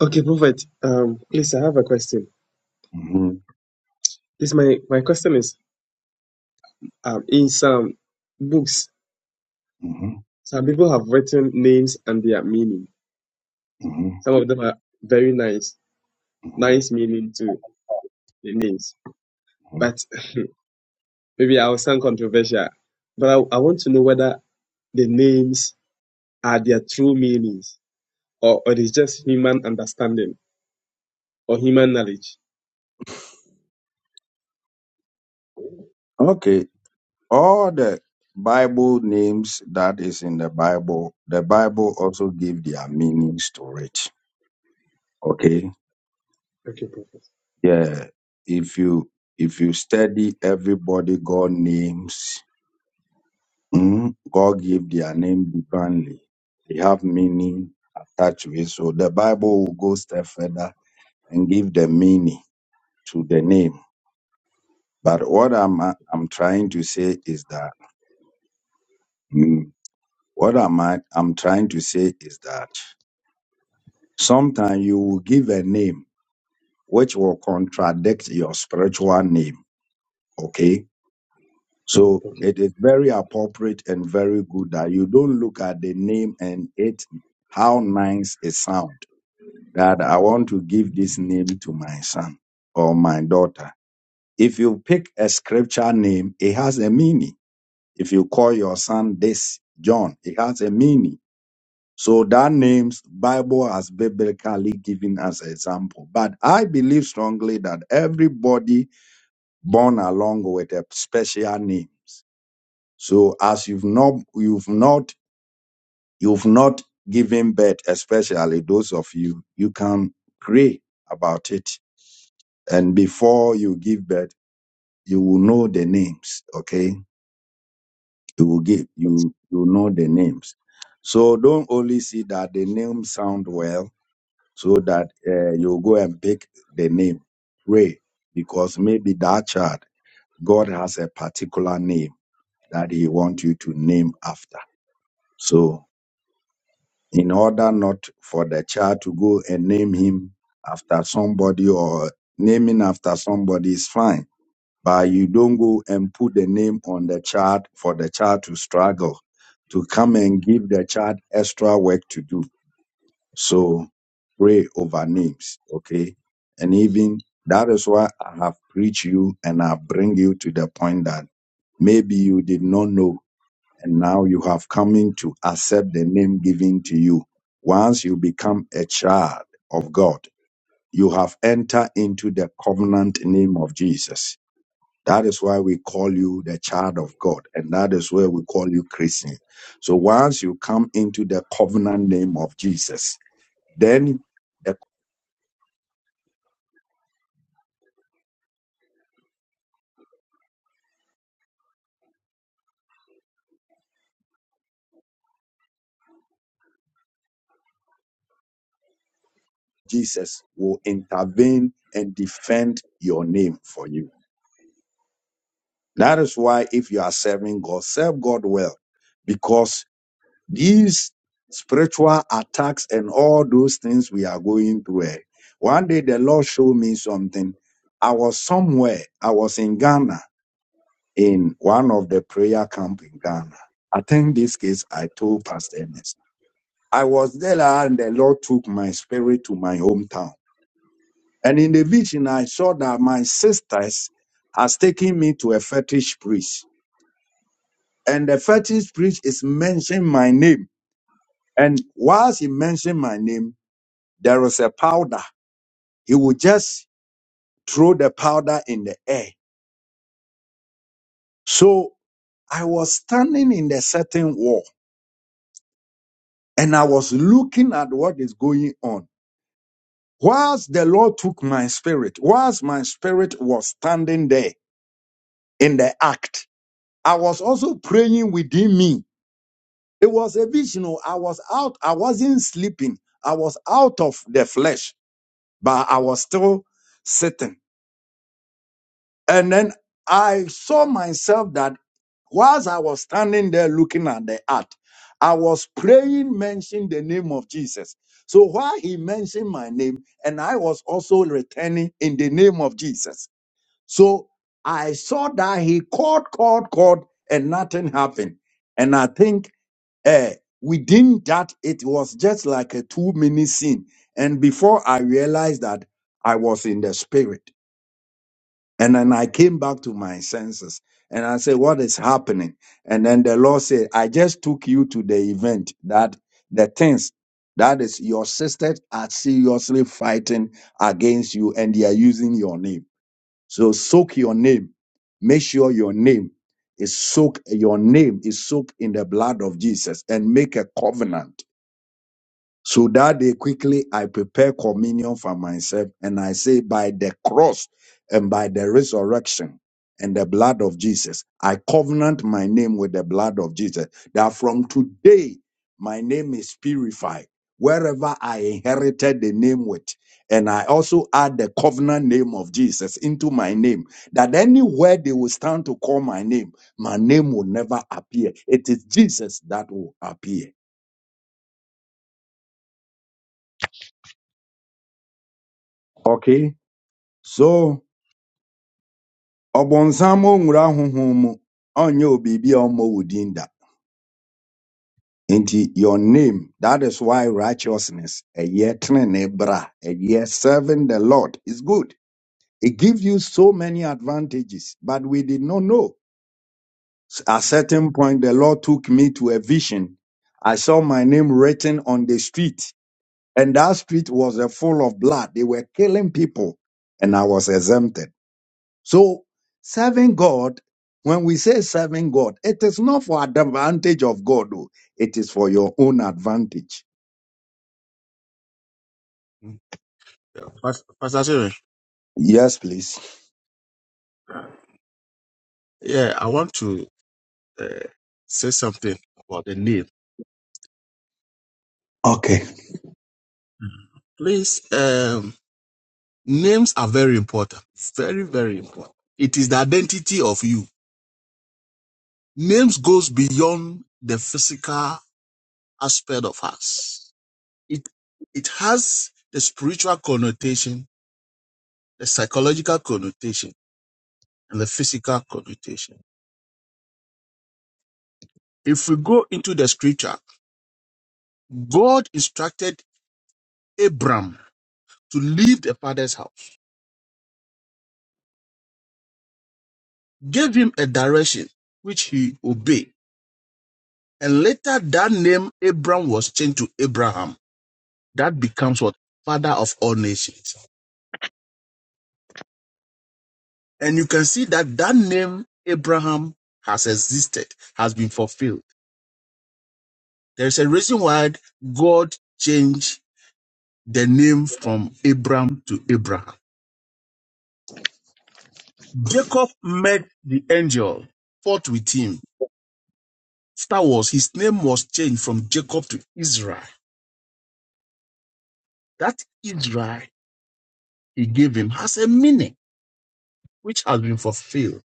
S4: Okay, Prophet, um, please, I have a question. This my, my question is um, in some books, some people have written names and their meaning Some of them are very nice, nice meaning to the names. But maybe I'll sound controversial, but I, I want to know whether the names are their true meanings or, or it is just human understanding or human knowledge. Okay, Prophet.
S2: Yeah. Pas- Pastor Jerry, yeah, I want to uh, say something about the name. Please, um, names are very important. Very, very important. It is the identity of you. Names goes beyond the physical aspect of us. It it has the spiritual connotation, the psychological connotation, and the physical connotation. If we go into the scripture, God instructed Abram to leave the father's house, gave him a direction which he obeyed. And later that name Abram was changed to Abraham. That becomes what? Father of all nations. And you can see that that name Abraham has existed, has been fulfilled. There's a reason why God changed the name from Abram to Abraham. Jacob met the angel, fought with him. Star Wars, his name was changed from Jacob to Israel. That Israel he gave him has a meaning which has been fulfilled.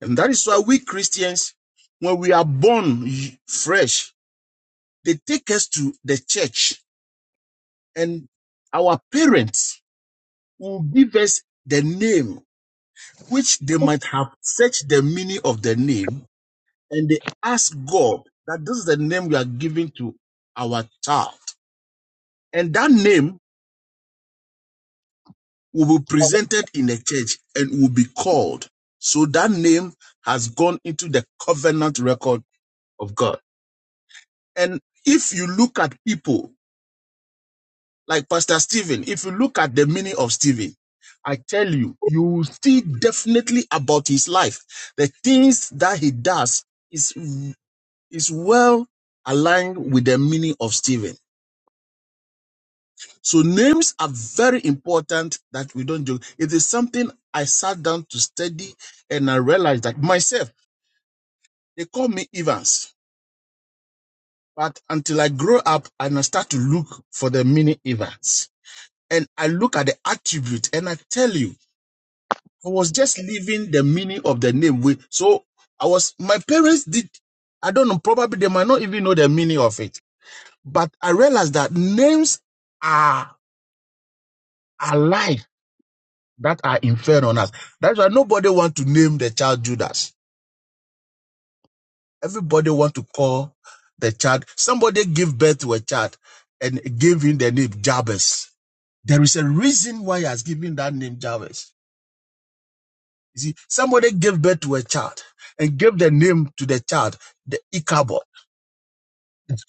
S2: And that is why we Christians, when we are born fresh, they take us to the church and our parents will give us the name which they might have searched the meaning of the name and they ask God that this is the name we are giving to our child. And that name will be presented in the church and will be called. So that name has gone into the covenant record of God. And if you look at people like Pastor Stephen, if you look at the meaning of Stephen, I tell you, you will see definitely about his life. The things that he does is, is well aligned with the meaning of Stephen. So names are very important that we don't joke. It is something I sat down to study and I realized that myself, they call me Evans. But until I grow up and I start to look for the meaning Evans. and I look at the attribute and I tell you, I was just leaving the meaning of the name. We so I was my parents did I don't know, probably they might not even know the meaning of it. But I realized that names are alive that are inferred on us. That's why nobody want to name the child Judas. Everybody want to call the child. Somebody gave birth to a child and gave him the name Jabez. There is a reason why he has given that name Jabez You see, somebody gave birth to a child and gave the name to the child, the Ichabod.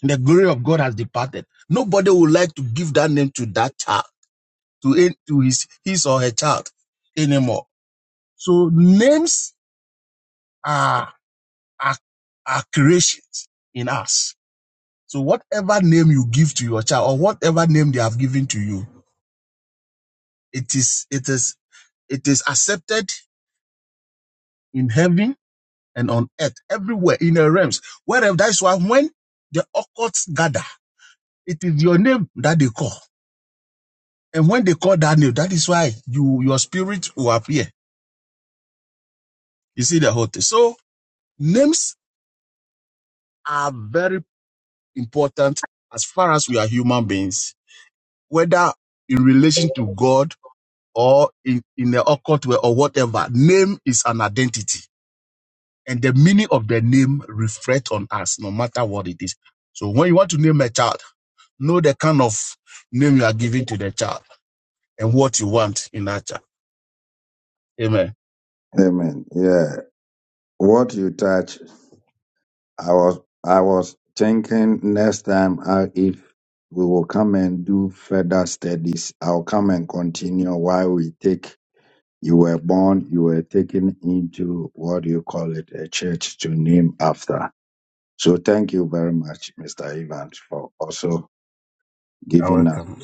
S2: The glory of God has departed. Nobody would like to give that name to that child, to, to his, his or her child anymore. So names are, are, are creations in us. So whatever name you give to your child or whatever name they have given to you, it is, it is, it is accepted in heaven and on earth, everywhere in the realms. Wherever that's why when the occults gather, it is your name that they call. And when they call that name, that is why you your spirit will appear. You see the whole thing. So names are very important as far as we are human beings, whether in relation to God or in, in the occult way or whatever. Name is an identity. And the meaning of the name reflects on us, no matter what it is. So when you want to name a child, Know the kind of name you are giving to the child and what you want in that child. Amen. You're welcome.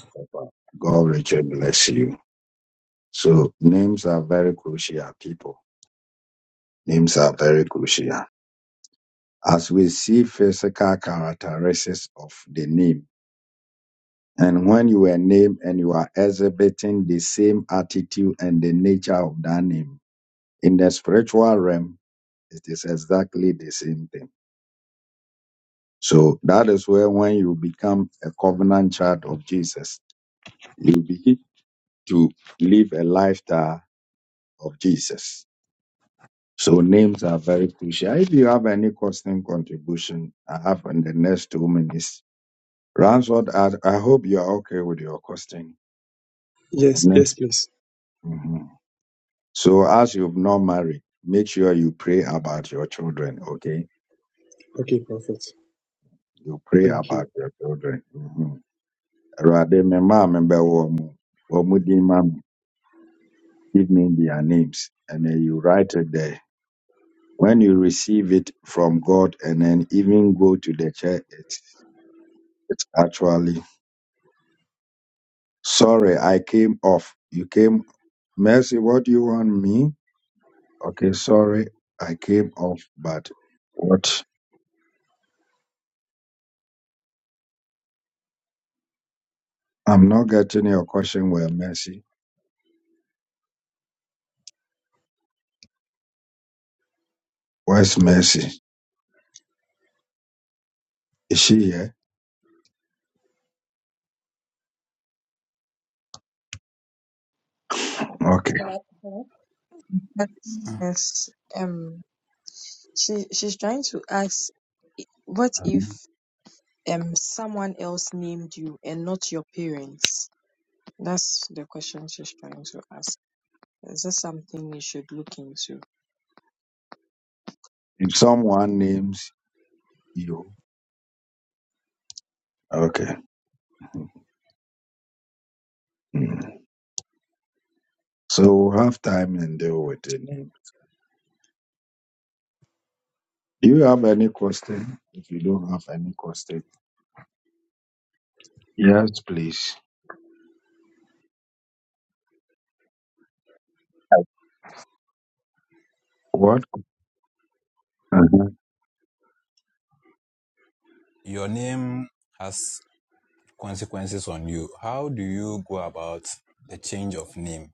S4: Yes, yes, please. Okay, Prophet. Thank you.
S13: Uh,
S9: That- Yes, um, she she's trying to ask, i- what if um someone else named you and not your parents? That's the question she's trying to ask. Is this something you should look into?
S11: Your name has consequences on you. How do you go about the change of name?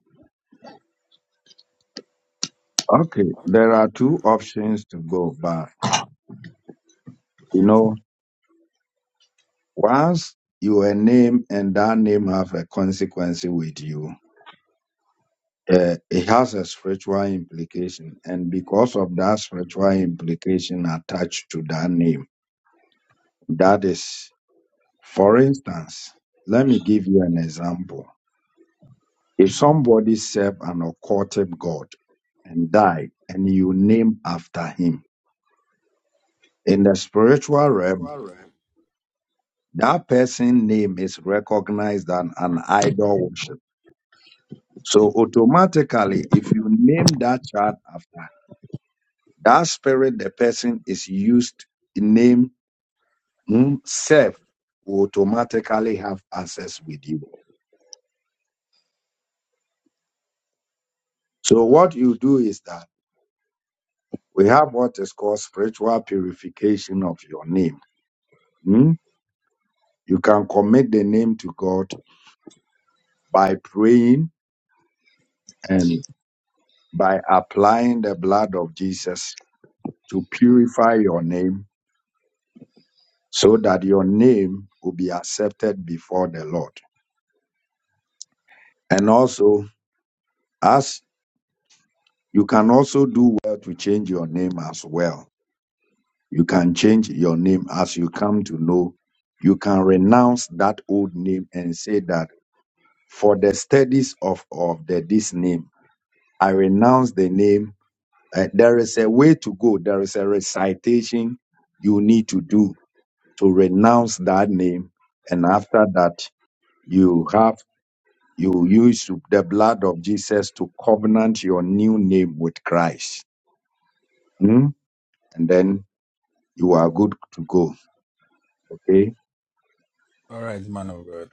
S11: All right, man of God.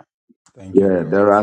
S11: Thank you very much.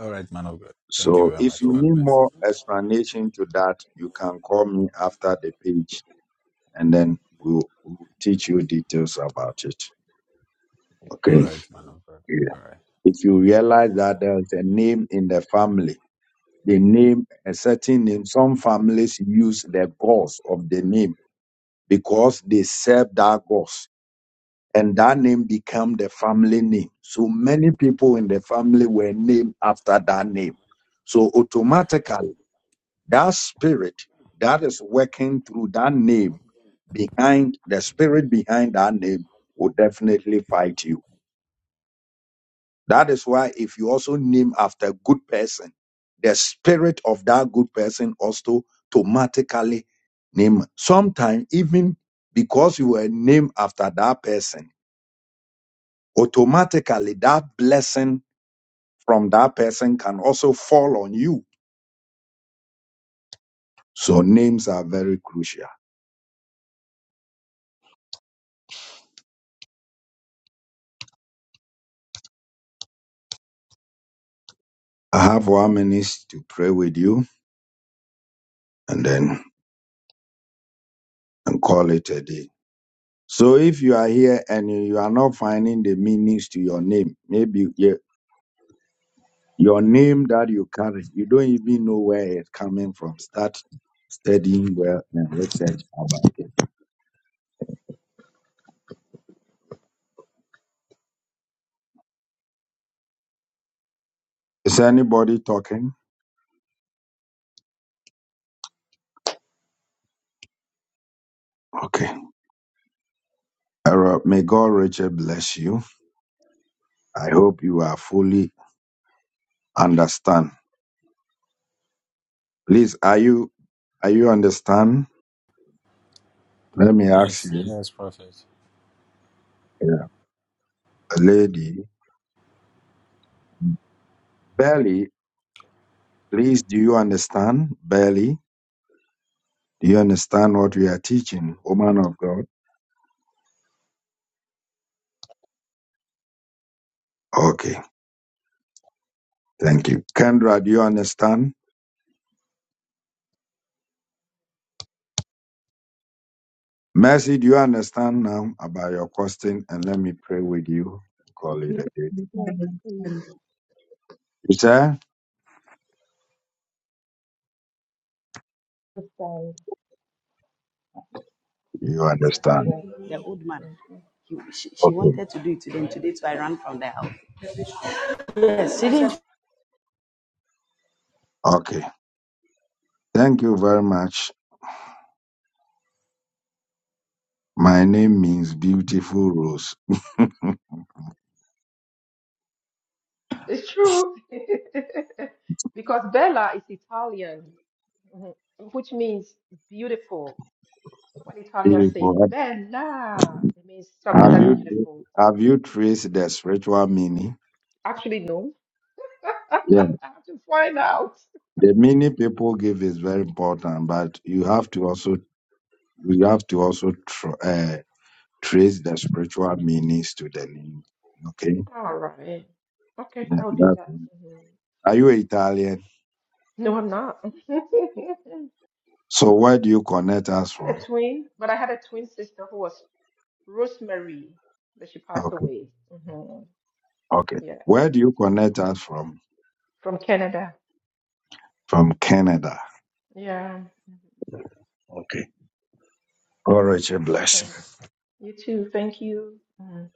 S11: All right, man of God. Thank you very much. God bless you. All right, man of God. All right. Thank you.
S10: Yes, yes, prophet.
S9: Yes, we
S13: yes,
S9: can.
S13: please,
S9: And
S13: this day.
S14: think so.
S13: Yes,
S14: The
S13: please.
S14: old man.
S13: Thank you.
S14: He, she, she wanted to do it today, and today too I ran from the house. Yes, she didn't.
S15: It's true. Because Bella is Italian, mhm, which means beautiful. When Italian says Bella, it means something that's beautiful. Actually, no. I have to find out. Mhm. All right. Okay, I'll do that. Mhm. No, I'm not. I had a twin, but I had a twin sister who was Rosemary, but she passed away. Mhm. Yeah, Mm-hmm. from Canada. Yeah. Mm-hmm. Thanks. You too. Thank you. Mhm.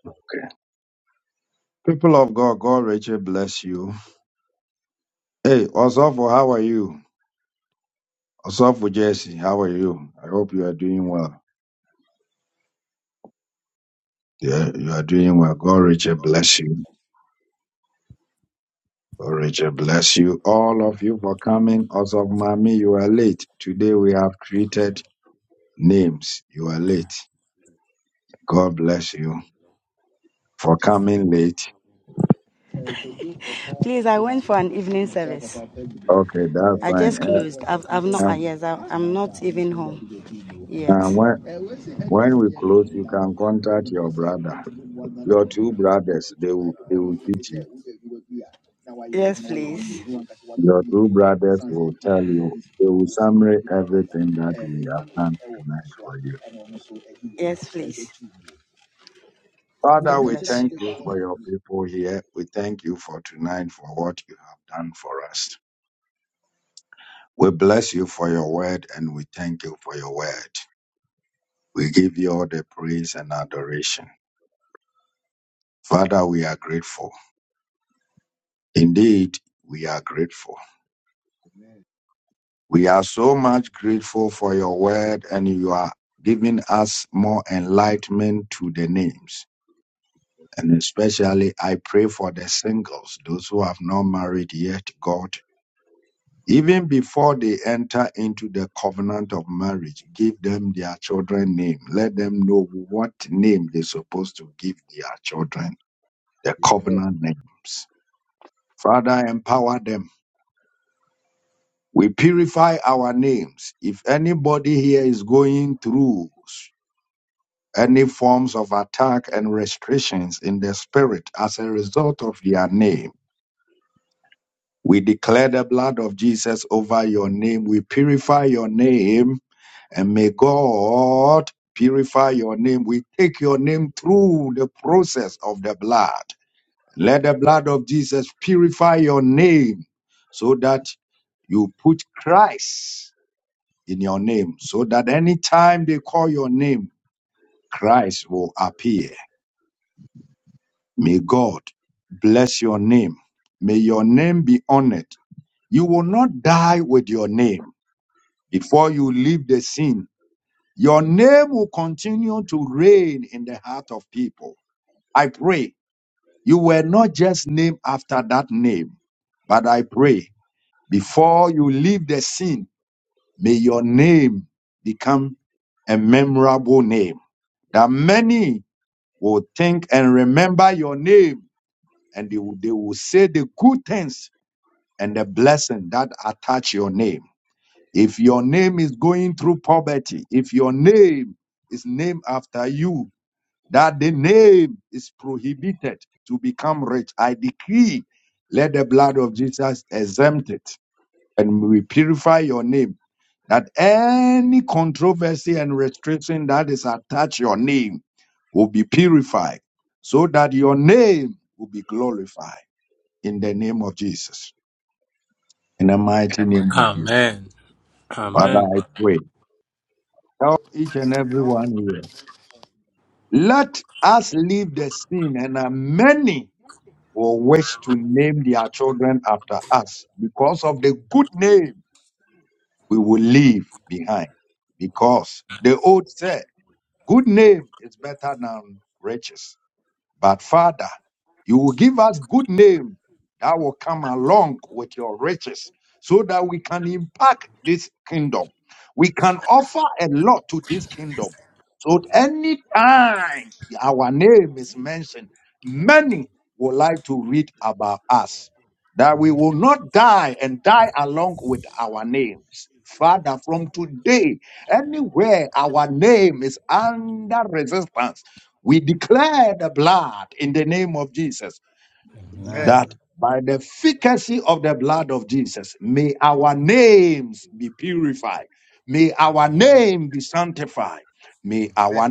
S14: Please, I went for an evening service. I just closed. I've, I've not, uh, yes, I, I'm not even home yet. Yes, please. Yes, please. God bless you.
S10: Amen. Amen.
S11: Amen. Amen.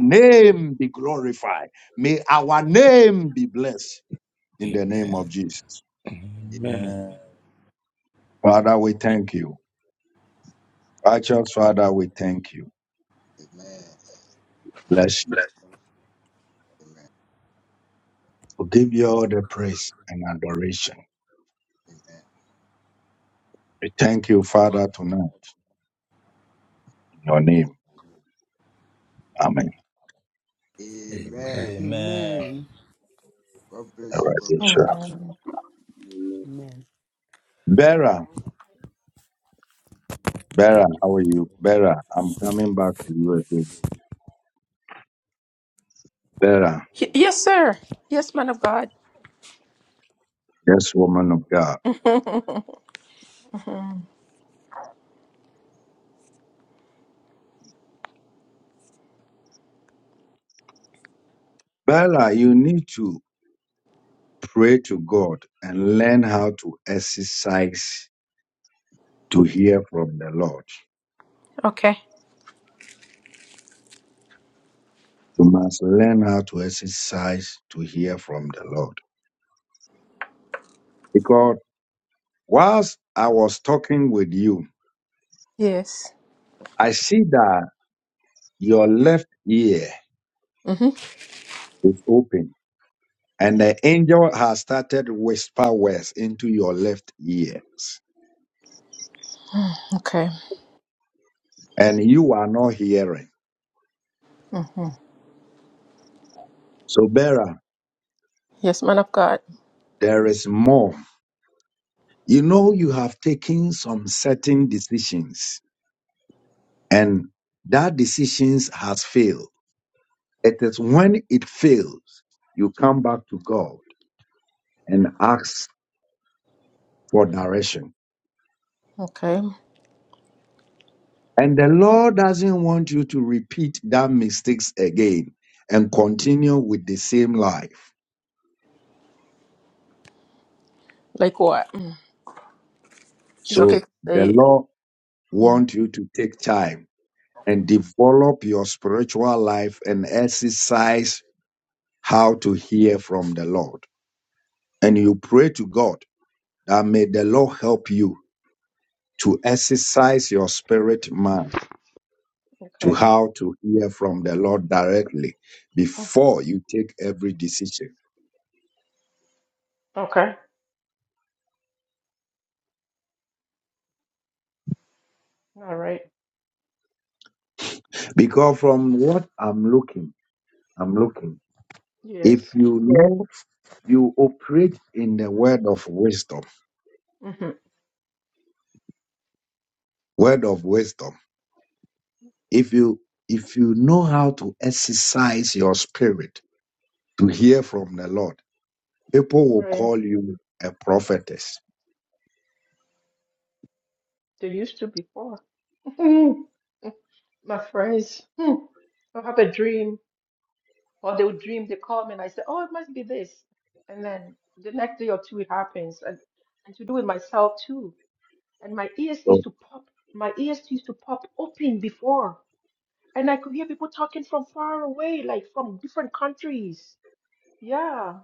S10: Amen. Amen.
S11: Amen.
S10: Bless
S6: Amen. Amen.
S10: Amen. you,
S6: Amen.
S11: Amen.
S16: Amen.
S6: God bless you, Prophet.
S13: Amen.
S16: Amen.
S15: Y- yes, sir. Yes, man of God. okay. Yes. hmm Okay. hmm Yes, man of God. Okay. Like what? Mm. It's okay to say it. Mm. Okay. Mhm. Okay. All right. Yes. hmm Right. They used to before. My friends, hmm, I have a dream, or they would dream, they call me, and I say, "Oh, it must be this," and then the next day or two it happens, and and to do with myself too. and my ears used to pop my ears used to pop open before and i could hear people talking from far away like from different countries yeah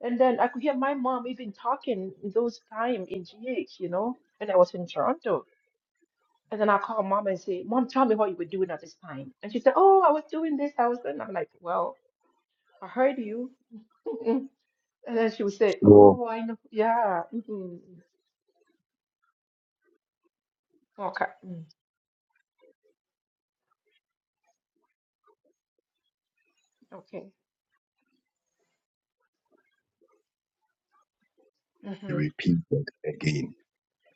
S15: and then i could hear my mom even talking in those time in gh you know and i was in toronto and then i call mom and say mom tell me what you were doing at this time and she said oh i was doing this i was doing that." i'm like well i heard you and then she would say oh i know yeah mhm, okay mm, okay mhm,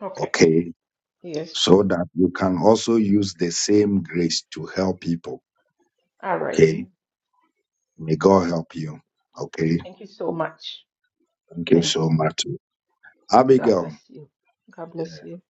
S15: okay yes all right Thank you so much. Thanks. God bless you. God bless you.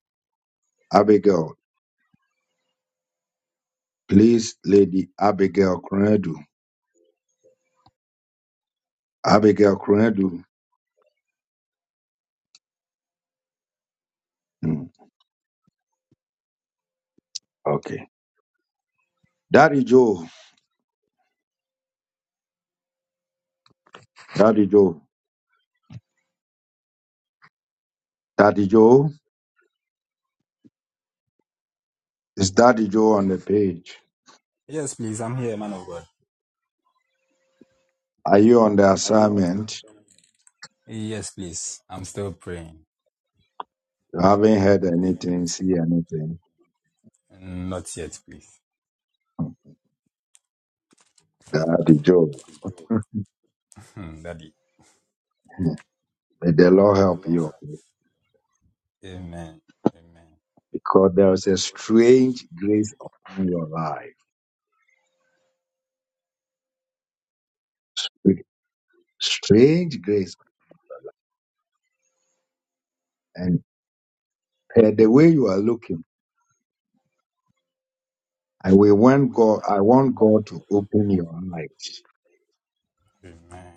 S11: Yes, please. I'm here, man of God. Yes, please. I'm still praying. Not yet, please. Daddy. Amen. Amen. Amen.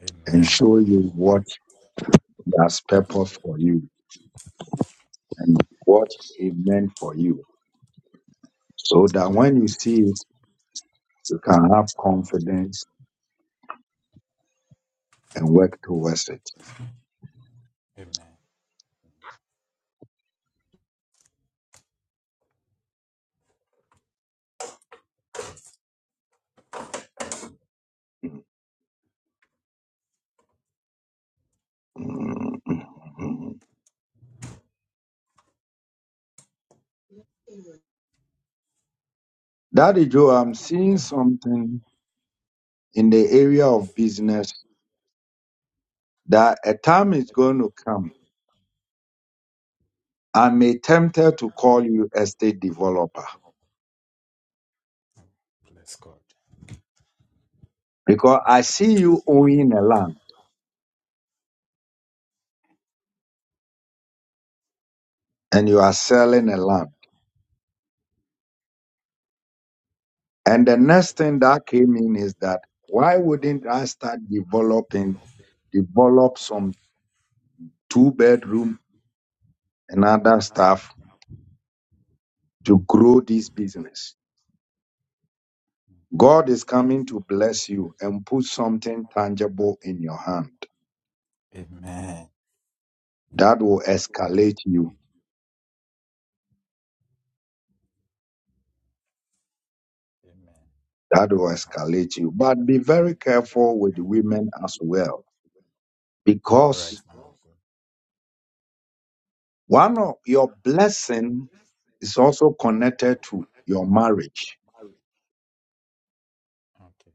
S11: Amen. Amen. Amen. Bless God. Okay. Amen. Amen. Amen. All right, man Okay.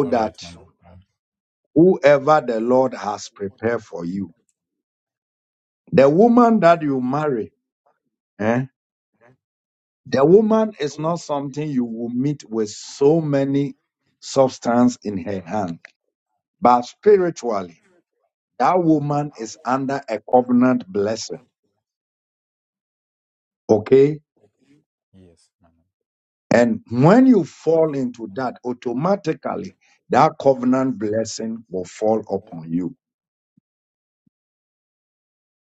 S11: All right, man Yes. Yes, man.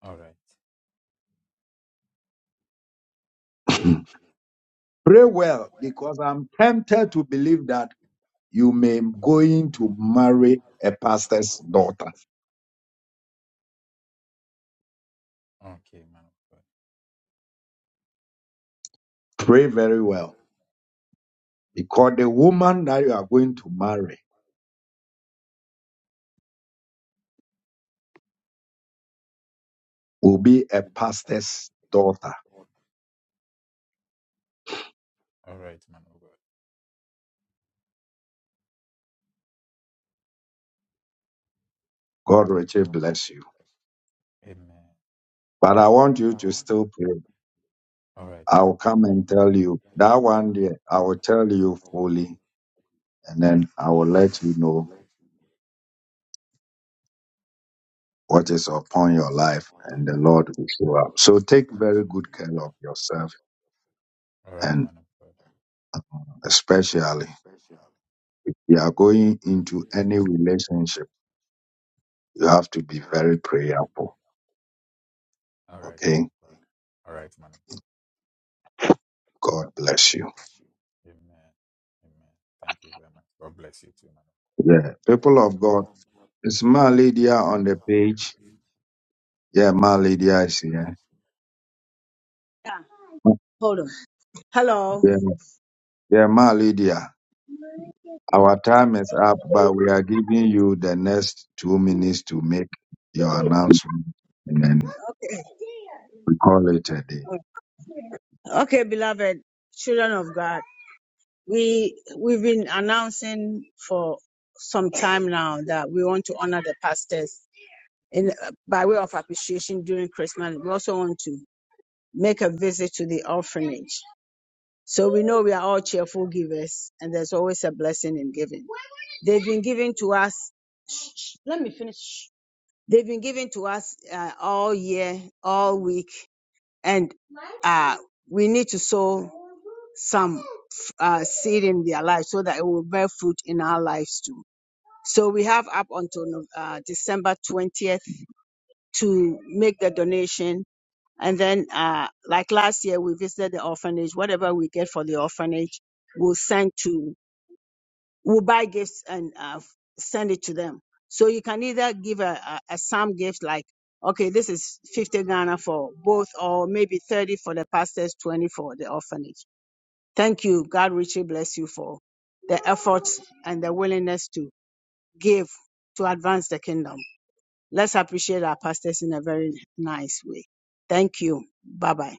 S11: All right. Okay, man of God. All right, man of God. Amen. All right, man of God. All right, man of God. All right, man of God. All right, man of God. Amen. Amen. Thank you very much. God bless you too, man.
S3: Yeah. Hold on. Hello. Okay. Okay, beloved children of God, we we've been announcing for some time now that we want to honor the pastors in by way of appreciation during Christmas. We also want to make a visit to the orphanage. So we know we are all cheerful givers, and there's always a blessing in giving. They've been giving to us. Shh, shh, let me finish. They've been giving to us uh, all year, all week, and uh, we need to sow some uh, seed in their life so that it will bear fruit in our lives too. So we have up until uh, December 20th to make the donation. And then, uh, like last year, we visited the orphanage. Whatever we get for the orphanage, we'll send to will buy gifts and uh, f- send it to them. So you can either give a, a, a sum gift like, okay, this is 50 Ghana for both, or maybe 30 for the pastors, 20 for the orphanage. Thank you. God richly bless you for the efforts and the willingness to give to advance the kingdom. Let's appreciate our pastors in a very nice way. Thank you. Bye bye.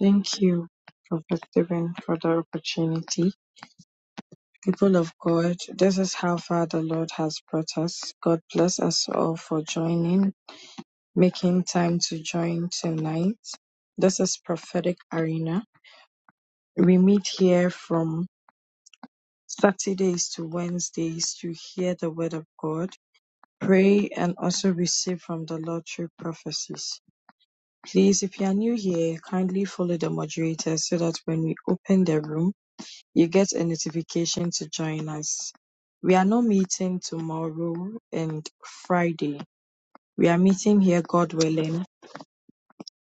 S9: thank you, Prophet Stephen, for the opportunity. People of God, this is how far the Lord has brought us. God bless us all for joining. making time to join tonight. This is Prophetic Arena. We meet here from Saturdays to Wednesdays to hear the Word of God, pray, and also receive from the Lord through prophecies. Please, if you are new here, kindly follow the moderator so that when we open the room, you get a notification to join us. We are not meeting tomorrow and Friday. We are meeting here, God willing,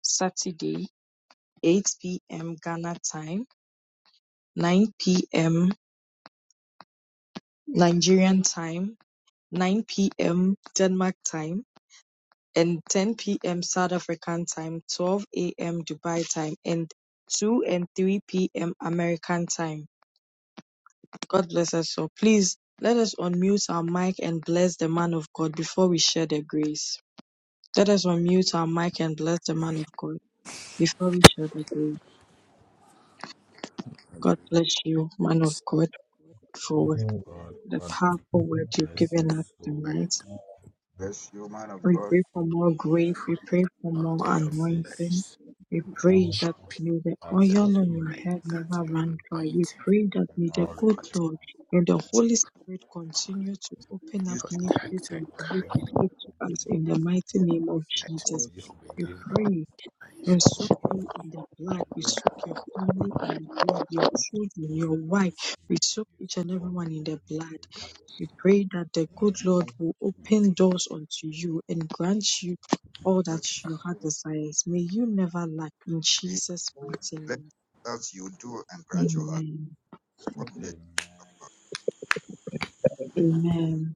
S9: Saturday eight PM Ghana time, nine PM Nigerian time, nine PM Denmark time, and ten PM South African time, twelve AM Dubai time, and two and three PM American time. God bless us all. Please let us unmute our mic and bless the man of God before we share the grace. Let us unmute our mic and bless the man of God before we share the grace. God bless you, man of God, for
S11: Man of God,
S9: the
S11: God
S9: powerful word you've
S11: bless you
S9: given us
S11: so
S10: pray,
S9: tonight.
S11: much
S6: Bless you, man of
S9: We
S6: God.
S9: pray
S11: for
S9: for
S11: your
S9: more grace.
S11: word,
S9: We pray
S11: for
S9: for
S10: Lord,
S11: your
S9: more
S10: your
S11: prophecies.
S9: anointing.
S10: grace,
S9: We
S10: mercy,
S6: You
S9: pray
S10: shall
S9: that
S10: be
S9: may
S11: We
S9: the
S10: upon
S11: ask for
S9: oil on your
S10: life,
S9: head
S11: increase
S10: that
S11: for
S9: never
S10: your
S9: run
S11: you
S9: dry. We
S10: anointing
S9: pray that
S11: and
S9: may the
S11: all the
S9: good
S11: years.
S10: continue
S9: Lord, may the
S11: I
S9: Holy Spirit
S10: upon, it.
S9: continue to open up
S6: used to
S11: ask that
S9: mysteries
S10: protect and
S11: may
S9: unto
S11: the
S9: you
S11: good
S9: to
S10: guide
S9: speak
S11: Lord
S9: to us
S11: continue
S9: in the
S11: to
S9: mighty name of
S11: increase you in
S10: that
S9: Jesus.
S6: God.
S11: grace
S10: will
S11: and
S10: be
S9: We
S10: done
S11: wisdom
S9: pray.
S10: in
S9: We
S10: life. in
S11: and
S9: soak
S10: Jesus'
S11: strength
S9: you in the
S11: and
S9: blood. We
S6: continue
S9: soak your
S11: understanding.
S9: family in the blood, your
S11: God
S9: children,
S11: continue
S9: your
S11: to
S9: wife.
S11: bless you
S9: We
S11: and
S9: soak
S11: use
S9: each
S11: you
S9: and
S11: for
S9: everyone in the
S11: doing
S9: blood.
S11: greater
S9: We
S11: works in the
S9: pray that the
S11: mighty
S9: good
S11: name
S9: Lord will
S11: of
S9: open
S11: Jesus.
S9: doors unto you and grant you all that
S6: to
S9: your heart desires. May you never lack in
S6: Amen.
S9: Jesus' mighty
S6: Let us you do and
S9: name.
S6: grant your heart.
S9: Amen.
S6: God bless
S11: Amen.
S9: Amen.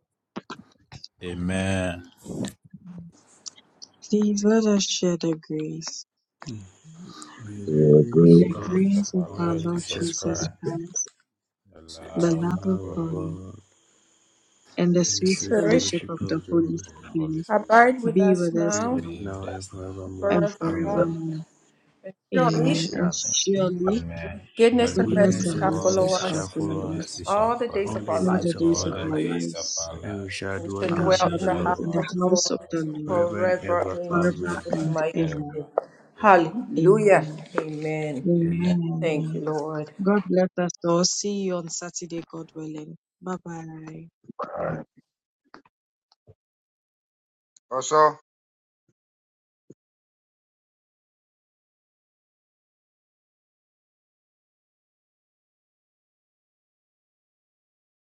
S10: Amen.
S11: Amen.
S9: Please let us share the grace.
S17: Hmm. May the
S9: May
S17: grace
S9: the
S17: of
S10: Amen.
S11: Faith
S10: So,
S11: of
S9: grace of
S11: our
S17: our
S10: uh,
S9: our
S11: Lord
S17: Lord
S9: Lord
S10: uh,
S17: Jesus
S11: Jesus
S9: Jesus
S17: Christ,
S11: Christ,
S9: Christ,
S11: the
S10: sit
S9: the
S10: from
S11: love
S17: the
S11: of
S9: love of
S17: love of
S11: God,
S9: God,
S17: God,
S6: you
S9: and
S6: and
S9: the
S6: let's-
S17: and the
S9: sweet
S11: and the
S17: sweet
S15: Spirit,
S9: fellowship
S11: faithful
S17: fellowship
S9: of the
S17: of the
S9: Holy
S17: Holy
S11: of the
S17: Spirit
S9: Spirit
S11: Holy Spirit
S15: abide with
S9: be
S15: us
S9: with us
S17: be
S15: now
S17: with us
S9: now
S11: be with
S17: now and
S11: us now
S15: and
S17: forevermore.
S9: and
S11: and
S15: forevermore.
S17: Amen.
S9: forevermore.
S15: And
S6: Amen.
S15: surely
S9: Amen. And
S10: surely
S11: forevermore.
S9: surely
S11: Amen.
S15: goodness and
S11: Surely
S9: goodness
S10: goodness
S15: mercy
S17: Goodness
S10: and
S15: shall
S9: and
S10: mercy
S17: and
S9: mercy
S11: God's
S15: follow
S17: mercy
S10: shall
S9: shall
S17: shall
S15: us
S11: goodness and
S17: follow
S9: follow
S17: us
S10: That's
S9: us
S11: mercy shall
S15: all the
S10: all that
S11: follow
S15: days
S10: they
S17: all
S15: of
S17: the
S15: our
S10: did.
S11: us
S9: all
S15: life.
S9: the
S17: days of
S9: days
S17: our
S11: all
S9: of
S11: the
S10: One
S9: our
S17: life,
S10: lazy
S11: days of
S9: lives,
S11: our
S17: and we shall
S15: And
S11: lives,
S15: we
S17: dwell
S15: shall
S17: in
S9: and
S17: the
S11: and
S9: we
S10: house
S17: house
S15: dwell
S10: of
S11: we
S9: shall
S17: of
S15: in
S17: the
S10: the
S15: the
S11: shall
S9: dwell
S17: Lord
S15: house
S9: in
S11: dwell
S9: the
S15: of the
S11: in the
S9: house
S15: Lord
S9: of the
S11: house of the
S9: Lord
S17: forever
S11: Lord
S17: and
S15: forever
S17: ever.
S15: in
S17: Amen.
S9: forever
S11: forever
S15: Jesus'
S9: and
S11: and
S15: mighty
S9: ever.
S15: name.
S11: ever. Amen.
S15: Hallelujah.
S9: Amen.
S15: Amen.
S10: Lord.
S15: Thank you,
S9: Amen.
S15: Lord.
S9: God bless us all. See you on Saturday, God willing. Bye bye.
S6: Also,